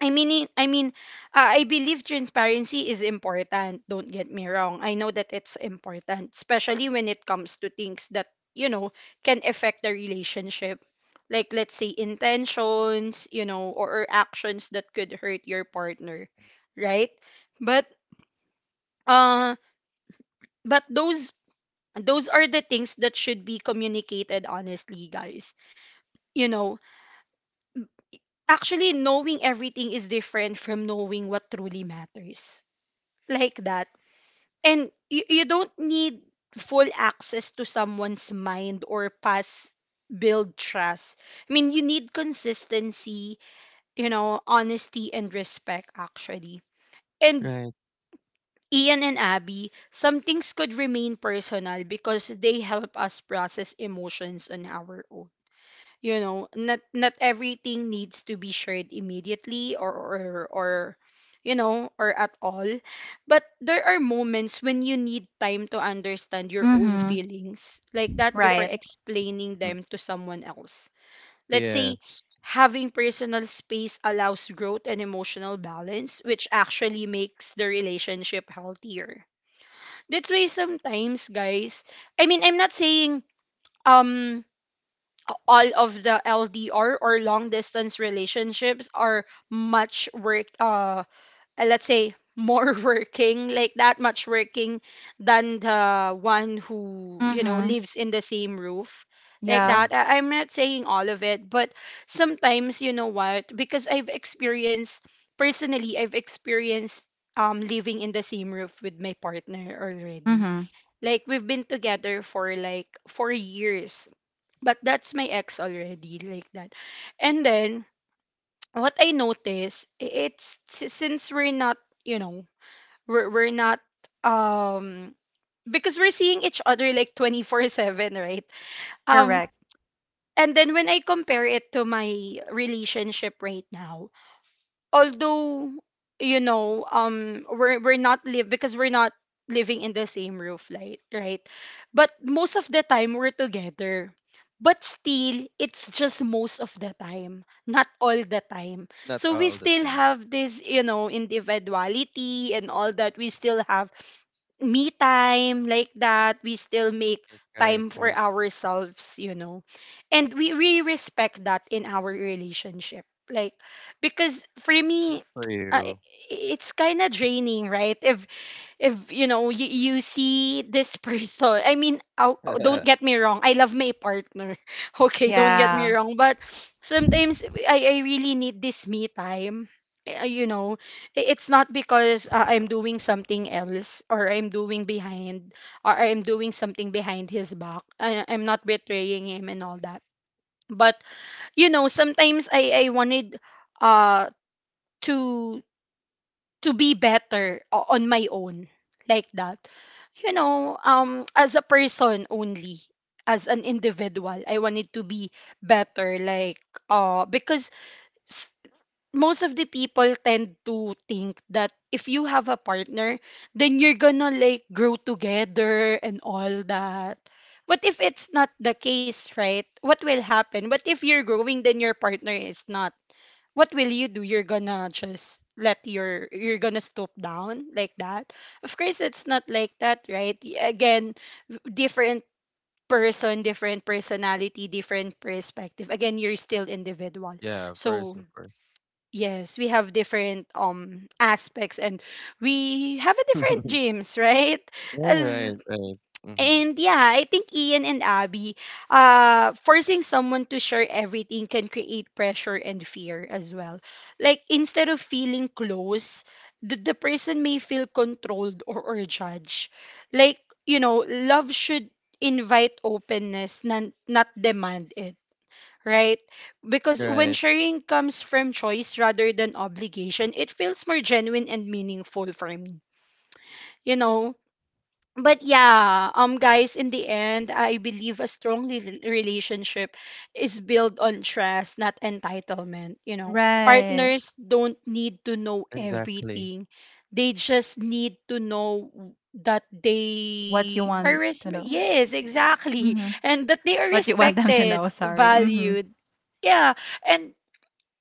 A: I mean, I believe transparency is important. Don't get me wrong. I know that it's important, especially when it comes to things that, you know, can affect the relationship. Like, let's say, intentions, you know, or actions that could hurt your partner, right? But, uh, but those are the things that should be communicated honestly, guys. You know, actually knowing everything is different from knowing what truly matters. Like that. And you don't need full access to someone's mind or past, build trust. I mean, you need consistency, you know, honesty and respect actually. And
B: right.
A: Ian and Abby, some things could remain personal because they help us process emotions on our own. You know, not not everything needs to be shared immediately, or or you know, or at all. But there are moments when you need time to understand your own
C: Mm-hmm.
A: feelings, like that, before
C: Right.
A: explaining
B: Mm.
A: them to someone else. Let's say
B: Yes.
A: having personal space allows growth and emotional balance, which actually makes the relationship healthier. That's why sometimes, guys, I mean, I'm not saying um, all of the LDR or long distance relationships are much work, let's say more (laughs) working, like that, much working than the one who you know
C: Mm-hmm.
A: lives in the same roof, like
C: Yeah.
B: Mhm.
A: that. I'm not saying all of it, but sometimes, you know what, because I've experienced, personally, I've experienced, um, living in the same roof with my partner already.
C: Mm-hmm.
A: Like we've been together for like 4 years, but that's my ex already, like that. And then what I notice, it's since we're not, you know, we're not um, because we're seeing each other like 24/7, right? Um,
C: Correct.
A: and then when I compare it to my relationship right now, although you know um, we're not live because we're not living in the same roof light, right? But most of the time we're together. But still, it's just most of the time, not all the time.
B: Not
A: So we
B: all the
A: still
B: time.
A: have this, you know, individuality and all that. We still have me time, like that. We still make
B: Right, right,
A: time for
B: right.
A: ourselves, you know, and we really respect that in our relationship. Like, because for me,
B: For
A: (tsk) uh, i-
B: you.
A: i- it's kind of draining, right? If you know, you see this (laughs) person, I mean, oh, oh, don't get
B: (laughs)
A: me wrong, I love my partner (laughs) okay, don't get me wrong, but sometimes I really need this me time. Eh, you know, it's not because I'm doing something else, or I'm doing behind, or I'm doing something behind his back. I'm not betraying him and all that, but you know, sometimes I wanted uh, to to be better on my own, like that. You know, um, as a person only, as an individual, I wanted to be better. Like, uh, because s- most of the people tend to think that if you have a partner, then you're gonna like grow together and all that. But if it's not the case, right, what will happen? What if you're growing, then your partner is not? What will you do? You're gonna just let your you're gonna stoop down, like that. Of course, it's not like that, right? Again, different person, different personality, different perspective. Again, you're still individual.
B: Yeah, of course,
A: So
B: of course.
A: yes, we have different um, aspects, and we have a
B: (laughs) Yeah,
A: different dreams, (laughs) right?
B: right,
A: As
B: right, hmm,
A: and yeah, I think Ian and Abby, forcing someone to share everything can create pressure and fear as well. Like instead of feeling close, the person may feel controlled, or judged. Like, you know, love should invite openness, not, not demand it, right? Because when
B: right.
A: sharing comes from choice rather than obligation, it feels more genuine and meaningful for me. You know? But yeah, guys, in the end, I believe a strong relationship is built on trust, not entitlement. You know,
C: Right.
A: partners don't need to know
B: Exactly.
A: everything; they just need to know that
C: What you
A: they are
C: want to know.
A: yes, exactly,
C: Mm-hmm.
A: (laughs) and that they are
C: What you want them to know,
A: respected,
C: sorry. Mm-hmm.
A: valued. Yeah, and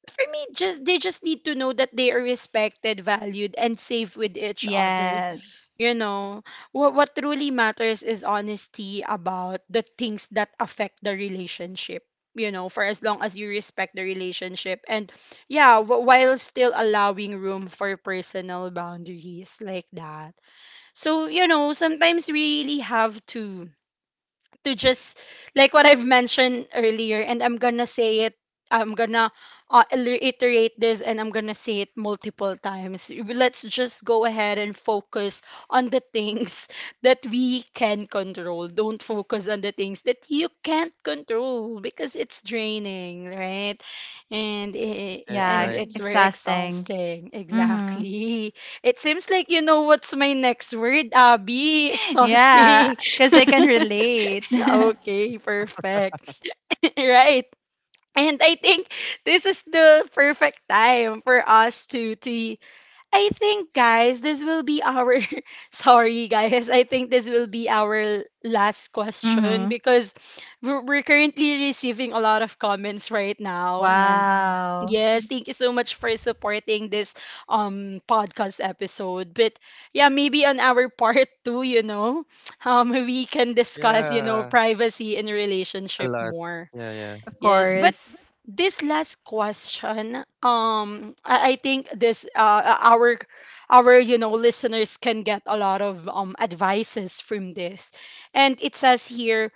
A: for me, just they just need to know that they are respected, valued, and safe with each other.
C: Yes.
A: you know, what truly matters is honesty about the things that affect the relationship. You know, for as long as you respect the relationship, and yeah, while still allowing room for personal boundaries like that. So you know, sometimes we really have to just like what I've mentioned earlier, and I'm gonna say it. I'm gonna Reiterate this, and I'm gonna say it multiple times. Let's just go ahead and focus on the things (laughs) that we can control. Don't focus on the things that you can't control because it's draining, right? And it,
B: Right,
C: Yeah,
A: and
B: right.
A: it's very
C: exhausting.
A: exhausting.
C: Mm-hmm. (laughs)
A: Exactly. It seems like you know what's my next word, Abby.
C: Yeah,
A: Exhausting.
C: because I can
A: (laughs)
C: relate. (laughs)
A: Okay, perfect. (laughs) Right. And I think this is the perfect time for us to I think, guys, this will be our. (laughs) Sorry, guys. I think this will be our last question
C: Mm-hmm.
A: because we're currently receiving a lot of comments right now. And
C: Wow.
A: yes, thank you so much for supporting this podcast episode. But yeah, maybe on our (laughs) part two, you know, we can discuss, you know,
B: Yeah,
A: privacy in
B: a
A: relationship
B: lot.
A: more.
B: Yeah, yeah.
C: Of
A: Yes, but
C: course.
A: this last question I think this uh, our our you know listeners can get a lot of advices from this, and it says here,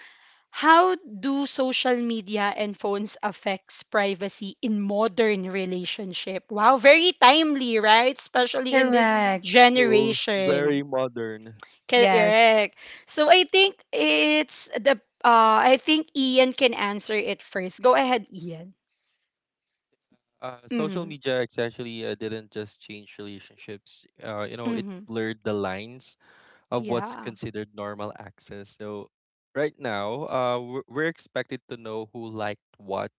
A: how do social media and phones affects privacy in modern relationship? Wow, very timely, right? Especially in this
C: Correct.
B: Cool. Very
A: generation.
B: modern.
C: Yes.
A: Correct. So I think it's the I think Ian can answer it first. Go ahead, Ian.
B: Social
A: Mm-hmm.
B: media actually didn't just change relationships. You know, it
A: Mhm.
B: blurred the lines of what's
A: Yeah.
B: considered normal access. So right now, we're expected to know who liked what,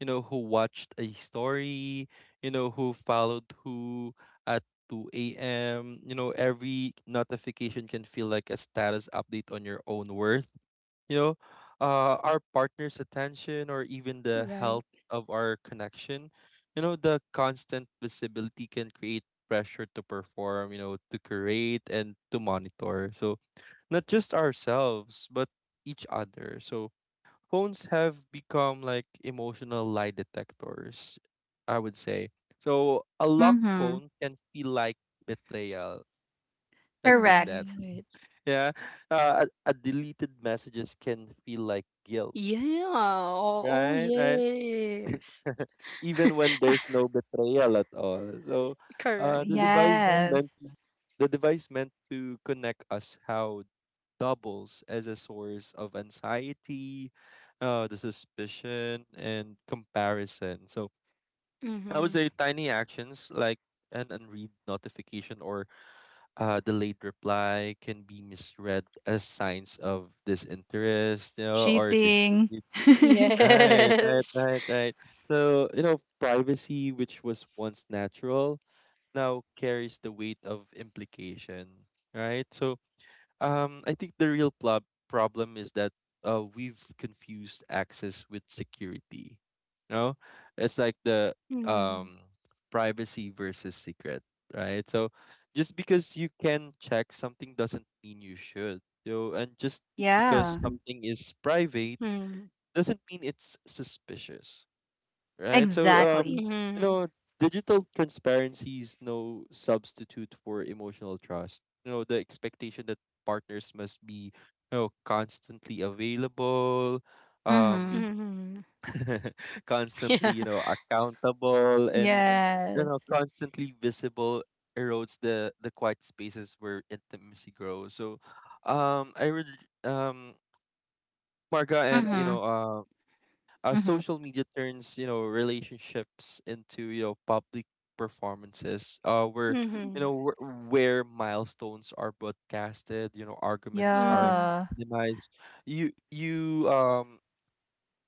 B: you know, who watched a story, you know, who followed who at 2 a.m. You know, every notification can feel like a status update on your own worth, you know, our partner's attention or even the
A: Right,
B: health of our connection. You know, the constant visibility can create pressure to perform, you know, to create and to monitor. So, not just ourselves, but each other. So, phones have become like emotional lie detectors, I would say. So, a locked
C: Mm-hmm.
B: phone can feel like betrayal. Admit that.
C: Correct.
A: right.
B: (laughs) Yeah. A deleted messages can feel like guilt,
A: Yeah. Oh, oh
B: right? Right.
A: yes.
B: (laughs) Even when there's no betrayal at all. So,
A: Correct.
B: uh, the device meant
C: Yes.
B: the device meant to connect us how doubles as a source of anxiety, the suspicion and comparison. So I would
A: Mm-hmm.
B: say tiny actions like an unread notification or delayed reply can be misread as signs of disinterest, you know, or
C: Cheating.
B: deceit. Right, right,
A: Yes.
B: right, right. So, you know, privacy, which was once natural, now carries the weight of implication, right? So, I think the problem is that we've confused access with security. You know, it's like the
A: Mm-hmm.
B: um, privacy versus secret, right? So just because you can check something doesn't mean you should. You know, and just because
C: (laughs) Yeah.
B: something is private
A: Mm-hmm.
B: doesn't mean it's suspicious, right? So,
C: Exactly.
B: you know, digital transparency is no substitute for emotional trust. You know, the expectation that partners must be, you know, constantly available, um,
C: Mhm.
A: Mm-hmm. (laughs)
B: (laughs) constantly,
A: Yeah.
B: you know, accountable, and you know,
C: Yes.
B: constantly visible erodes the quiet spaces where intimacy grows. So, um, I would, um, Marga, and you
C: Mhm.
B: know,
C: Mhm.
B: social media turns, you know, relationships into, you know, public performances, where you
A: Mm-hmm.
B: know where milestones are broadcasted, you know, arguments are
A: Mm-hmm.
C: Yeah.
B: minimized. you you um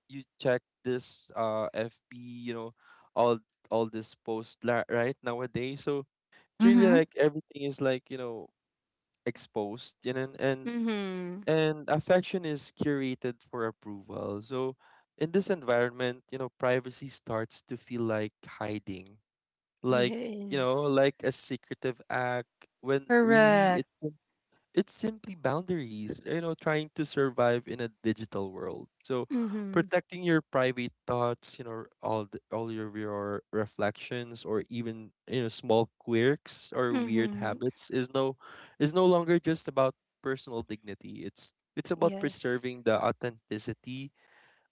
B: you check this FB, you know, all all this right, nowadays. So it's really
C: Mhm.
B: like everything is like, you know, exposed, and
A: Mm-hmm.
B: and affection is curated for approval. So in this environment, you know, privacy starts to feel like hiding, like you know,
A: Yes.
B: like a secretive act, when really it's
C: Correct.
B: it's simply boundaries, you know, trying to survive in a digital world. So
A: Mm-hmm.
B: protecting your private thoughts, you know, all the, all of your reflections or even, you know, small quirks or weird
A: Mm-hmm.
B: habits is no, is no longer just about personal dignity. It's about
A: Yes.
B: preserving the authenticity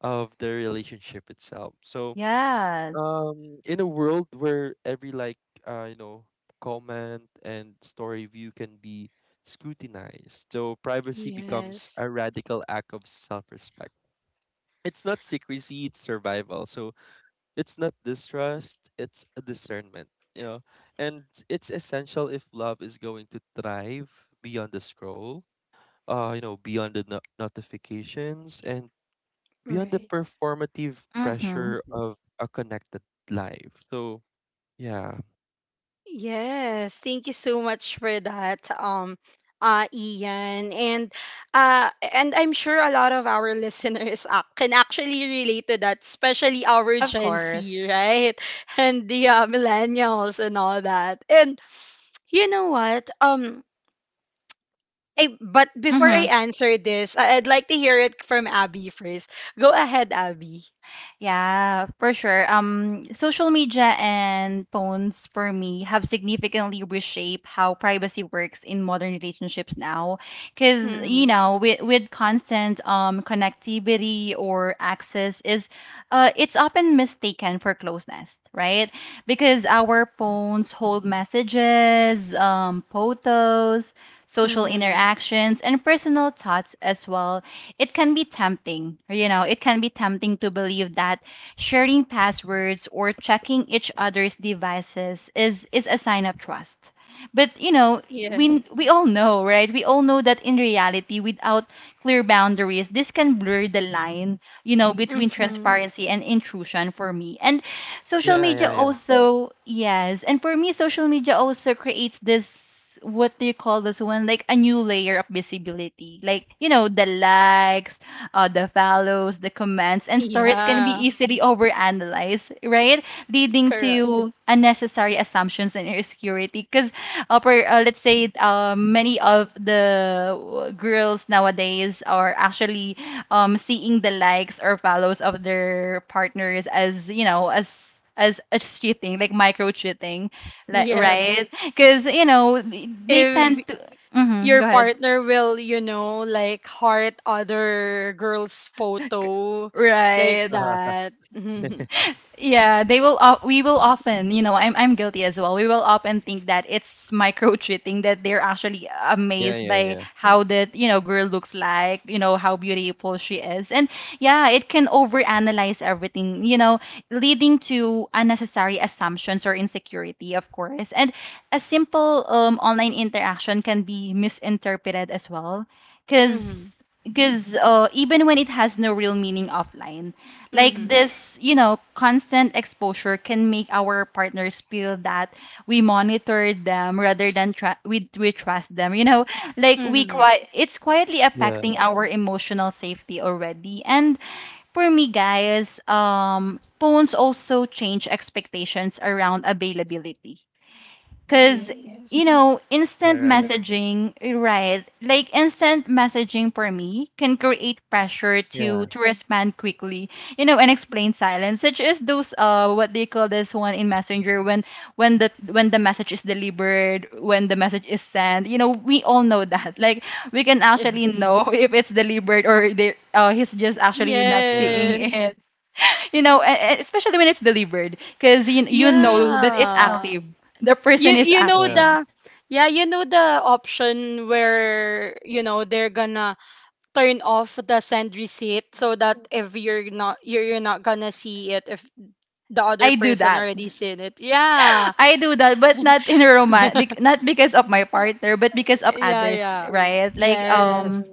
B: of the relationship itself. So
C: Yes.
B: in a world where every like, you know, comment and story view can be scrutinized, so privacy becomes
A: Yes.
B: a radical act of self-respect. It's not secrecy, it's survival. So it's not distrust, it's a discernment, you know, and it's essential if love is going to thrive beyond the scroll, you know, beyond the notifications and beyond the
A: Right.
B: performative
C: Mhm.
B: pressure of a connected life. So yeah.
A: Yes, thank you so much for that, Ian, and I'm sure a lot of our (laughs) listeners can actually relate to that, especially our
C: Of
A: Gen Z,
C: course.
A: right? (laughs) And the millennials and all that. And you know what? But before I
C: Mhm.
A: answer this, I'd like to hear it from Abby first. Go ahead, Abby.
C: Yeah, for sure. Social media and phones for me have significantly reshaped how privacy works in modern relationships now. Because, you
A: Mm-hmm.
C: know, with constant connectivity or access is it's often mistaken for closeness, right? Because our phones hold messages, photos, social
A: Mm-hmm.
C: interactions, and personal thoughts as well. It can be tempting to believe that sharing passwords or checking each other's devices is a sign of trust. But you know, we
A: Yes.
C: we all know, right? We all know that in reality, without clear boundaries, this can blur the line, you know, between
A: Mm-hmm.
C: transparency and intrusion for me. And social
B: Yeah,
C: media
B: yeah, yeah.
C: also, yes. And for me, social media also creates this, what do you call this one? Like a new layer of visibility. Like, you know, the likes, the follows, the comments,
A: (laughs)
C: and stories can be
A: Yeah.
C: easily overanalyzed, right? Leading
A: Correct.
C: to unnecessary assumptions and insecurity. Because, let's say, many of the girls nowadays are actually seeing the likes or follows of their partners as you know as a cheating, like micro cheating, like,
A: Yes.
C: right? Because you know they
A: If
C: tend to, hmm,
A: your
C: go ahead.
A: partner will, you know, like heart other girl's photo
C: (laughs)
A: like
C: Right.
B: Uh-huh.
A: that. Mm-hmm.
B: (laughs)
C: Yeah, they will. We will often, you know, I'm guilty as well. We will often think that it's micro treating, that they're actually
B: Yeah,
C: amazed
B: yeah,
C: by
B: yeah.
C: how that you know girl looks like, you know how beautiful she is, and yeah, it can overanalyze everything, you know, leading to unnecessary assumptions or insecurity, of course. And a simple online interaction can be misinterpreted as well,
A: Mm-hmm.
C: because because even when it has no real meaning offline like
A: Mm-hmm.
C: this, you know, constant exposure can make our partners feel that we monitor them rather than we trust them. You know, like
A: Mm-hmm.
C: it's quietly
B: Yeah,
C: affecting our emotional safety already. And for me, guys, phones also change expectations around availability. Because, you
A: Yes.
C: know,
B: yeah,
C: instant
B: right.
C: messaging, right? Like instant messaging for me can create pressure
B: Yeah,
C: to respond quickly, you know, and explain silence, such as those what they call this one in Messenger when when the message is delivered, when the message is sent. You know, we all know that. (laughs) Like we can actually
A: Yes.
C: know (laughs) if it's delivered or they he's just actually not
B: yeah,
C: seeing
A: Yes.
C: it. You know, especially when it's delivered, because you know that it's
A: Yeah.
C: active. The
A: You
C: person is
A: you know
B: yeah.
C: active.
A: the yeah, you know the option where you know they're gonna turn off the send receipt so that if you're not gonna see it if the other
C: I do
A: person
C: that.
A: already seen it. Yeah.
C: (laughs) I do that, but not in a romance, not because of
A: (laughs)
C: my
A: Yeah,
C: partner, but because of
A: yeah,
C: others,
A: yeah.
C: right? Like
A: Yes.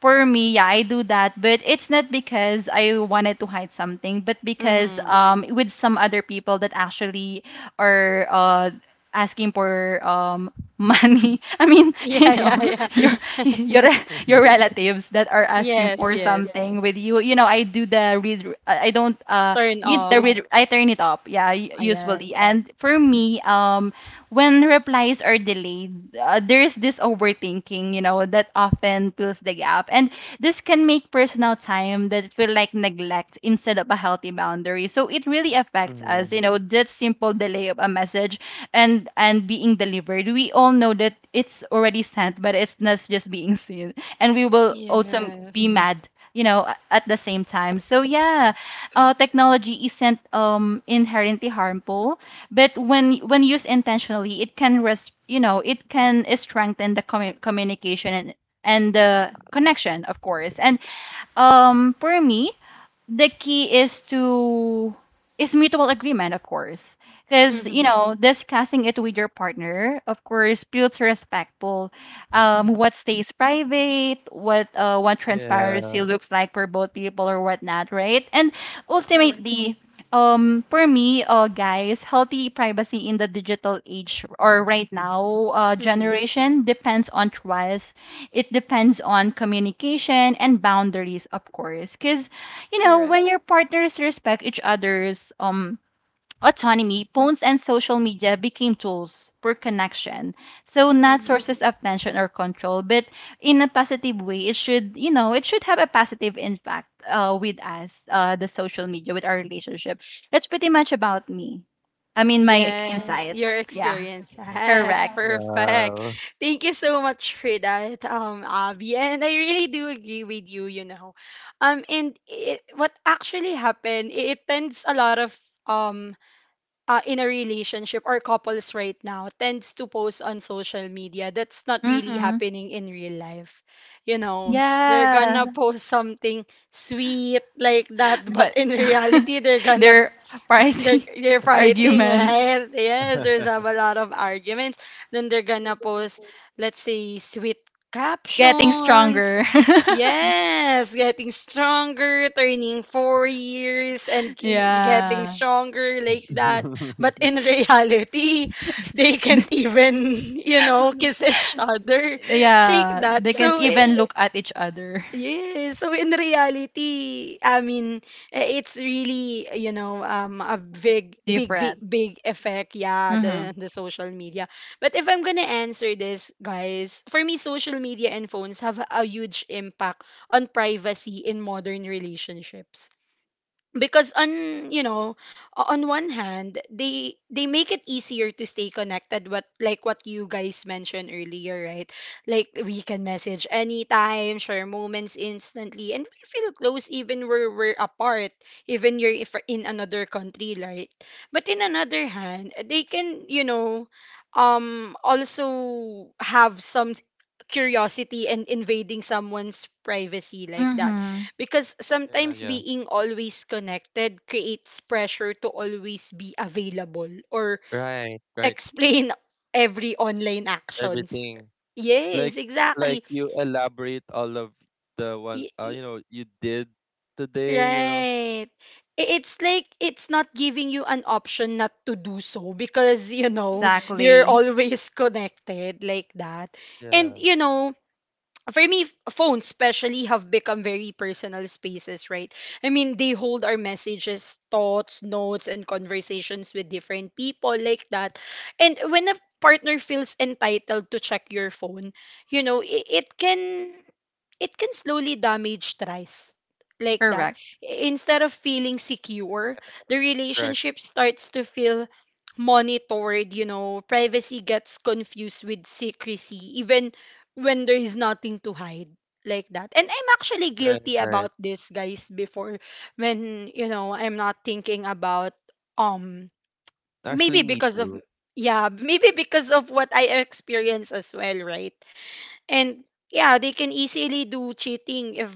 C: for me, yeah, I do that, but it's not because I wanted to hide something, but because
A: Mm-hmm. (laughs)
C: with some other people that actually are asking for (laughs) money. I mean, (laughs)
A: Yeah,
C: you know,
A: yeah, yeah.
C: your your your
B: (laughs)
C: relatives that are asking
A: Yes,
C: for
A: yes.
C: something with you. You know, I do the read. I don't
A: Turn
C: you the
A: off.
C: re- I turn it up. Yeah,
A: Ah,
C: usually.
A: yes.
C: And for me, when replies are delayed, there's this overthinking, you know, that often fills the gap, and this can make personal time that feel like neglect instead of a healthy boundary. So it really affects us,
B: Mhm.
C: you know, that simple delay of a message and being delivered. We all know that it's already sent, but it's not just being seen, and we will also be
A: Yes.
C: mad you know at the same time. So yeah, technology isn't inherently harmful, but when used intentionally, it can it can strengthen the communication and the connection, of course. And for me, the key is mutual agreement, of course. Because you
A: Mm-hmm.
C: know, discussing it with your partner, of course, builds respectful. What stays private, what
B: Yeah.
C: transparency looks like for both people or whatnot, right? And
A: Correct.
C: ultimately, for me, guys, healthy privacy in the digital age or right now
A: Mm-hmm.
C: generation depends on trust. It depends on communication and boundaries, of course. Because you know,
A: Correct.
C: when your partners respect each other's autonomy, phones and social media became tools for connection. So not
A: Mm-hmm.
C: sources of tension or control, but in a positive way, it should, you know, it should have a positive impact with us, the social media, with our relationship. That's pretty much about me. I mean my
A: Yes, your
C: insights. Yeah.
A: experience. (laughs)
B: (laughs)
A: Yes,
C: Correct.
A: perfect.
B: Wow.
A: Thank you so much for that, Abby. And I really do agree with you, you know. What actually happened, it tends a lot of um in a relationship or couples right now tends to post on social media that's not really
C: Mm-hmm.
A: happening in real life. You know, they're gonna
C: Yeah.
A: post something sweet like that, (laughs) but
C: But
A: in
C: (laughs)
A: reality, they're gonna
C: their
A: they're
C: party
A: you're
C: (laughs)
A: fighting,
C: arguments.
A: right? Yes, there's a lot of arguments. Then they're gonna post, let's say, sweet
C: Getting
A: captions.
C: stronger.
A: Yes, getting stronger, turning 4 years and
C: (laughs)
A: getting
C: Yeah.
A: stronger like that. But
B: (laughs)
A: in (laughs) reality, they can't
C: (laughs)
A: even, you know, kiss each other like
C: Yeah.
A: that.
C: They can't
A: So it,
C: even look at each other.
A: yes. So in reality, I mean, it's really, you know, a big, big, big,
C: Different.
A: big effect. Yeah,
C: Mm-hmm.
A: the social media. But if I'm gonna answer this, guys, for me, social media and phones have a huge impact on privacy in modern relationships because on you know on one hand they make it easier to stay connected, what like what you guys mentioned earlier, right? Like we can message anytime, share moments instantly, and we feel close even where we're apart, even you're if in another country, right? But in another hand, they can you know also have some curiosity and invading someone's privacy like that,
C: Mm-hmm.
A: because
B: Yeah,
A: sometimes
B: yeah.
A: being always connected creates pressure to always be available or
B: Right, right.
A: explain (laughs) every online actions.
B: Everything. Like
A: Yes,
B: like
A: exactly.
B: you elaborate all of the one
A: Y-
B: you
A: y-
B: know, you did today, you know.
A: right. It's like it's not giving you an option not to do so because, you know, you're (laughs)
C: Exactly.
A: always connected like that. And,
B: Yeah.
A: you know, for me, phones especially have become very personal spaces, right? I mean, they hold our messages, thoughts, notes, and conversations with different people like that. And when a partner feels entitled to check your phone, you know, it can slowly damage trust like that.
C: Correct.
A: Instead of feeling secure, the
B: Correct.
A: relationship starts to feel monitored. You know, privacy gets confused with secrecy, even when there is nothing to hide like that. And I'm actually
B: Right,
A: guilty
B: right.
A: about this, guys, before when, you know, I'm not thinking about um
B: Actually
A: maybe
B: me
A: because of
B: too.
A: yeah, maybe because of what I experience as well, right? And yeah, they can easily do cheating if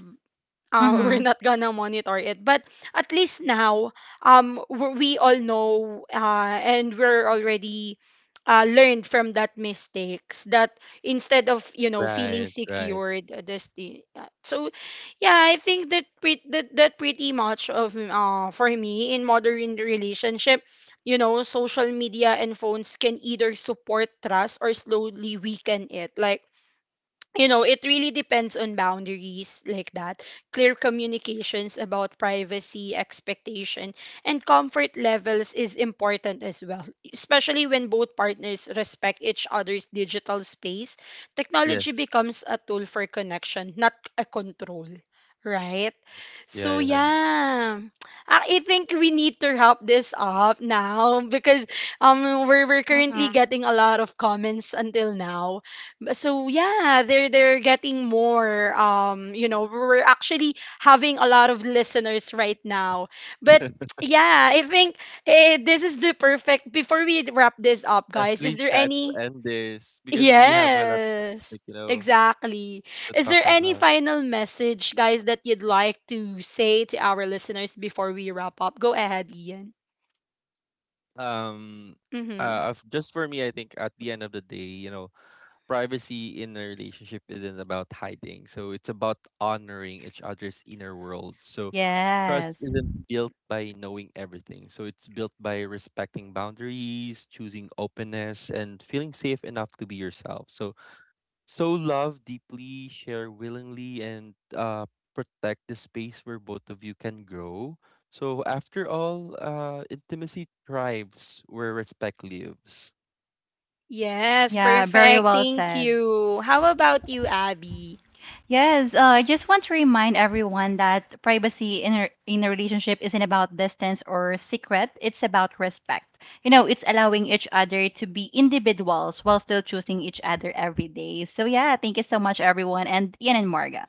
A: (laughs) we're
C: Mm-hmm.
A: not gonna monitor it. But at least now, we all know and we're already learned from that mistakes that instead of you know feeling
B: Right, right.
A: secured, this thing. So yeah, I think that that pretty much of for me in modern relationship, you know, social media and phones can either support trust or slowly weaken it. Like you know, it really depends on boundaries like that, clear communications about privacy, expectation, and comfort levels is important as well, especially when both partners respect each other's digital space. Technology
B: Yes.
A: becomes a tool for connection, not a control, right? So
B: Yeah,
A: yeah, ah, I think we need to wrap this up now because we're currently
C: Mm-hmm.
A: getting a lot of comments until now. But so yeah, they're getting more. You know, we're actually having a lot of listeners right now.
B: yeah.
A: But
B: (laughs)
A: yeah, I think this is the perfect. Before we wrap this up, guys,
B: Actually
A: is there
B: sad to
A: any
B: end this because we have a lot of
A: yes,
B: topic, you know,
A: exactly.
B: to
A: Is
B: talk
A: there any
B: about.
A: final message, guys, that you'd like to say to our listeners before we wrap up? Go ahead, Ian.
B: Um,
A: Mm-hmm.
B: just for me, I think at the end of the day, you know, privacy in a relationship isn't about hiding. So it's about honoring each other's inner world. So trust
C: Yes.
B: isn't built by knowing everything. So it's built by respecting boundaries, choosing openness, and feeling safe enough to be yourself. So, so love deeply, share willingly, and protect the space where both of you can grow. So after all, intimacy thrives where respect lives.
A: Yes,
C: Yeah, very
A: perfect.
C: well
A: Thank
C: said.
A: you. How about you, Abby?
C: Yes, I just want to remind everyone that privacy in a relationship isn't about distance or secret. It's about respect. You know, it's allowing each other to be individuals while still choosing each other every day. So, yeah, thank you so much, everyone, and Ian and Marga.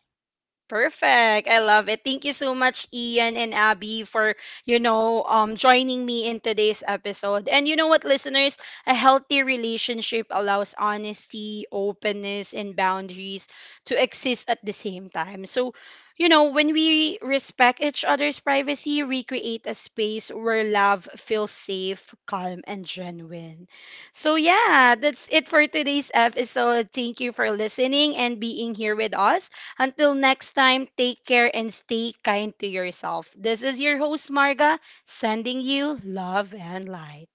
A: Perfect. I love it. Thank you so much, Ian and Abby, for, you know, joining me in today's episode. And you know what, listeners? A healthy relationship allows honesty, openness, and boundaries to exist at the same time. So, you know, when we respect each other's privacy, we create a space where love feels safe, calm, and genuine. So, yeah, that's it for today's episode. Thank you for listening and being here with us. Until next time, take care and stay kind to yourself. This is your host, Marga, sending you love and light.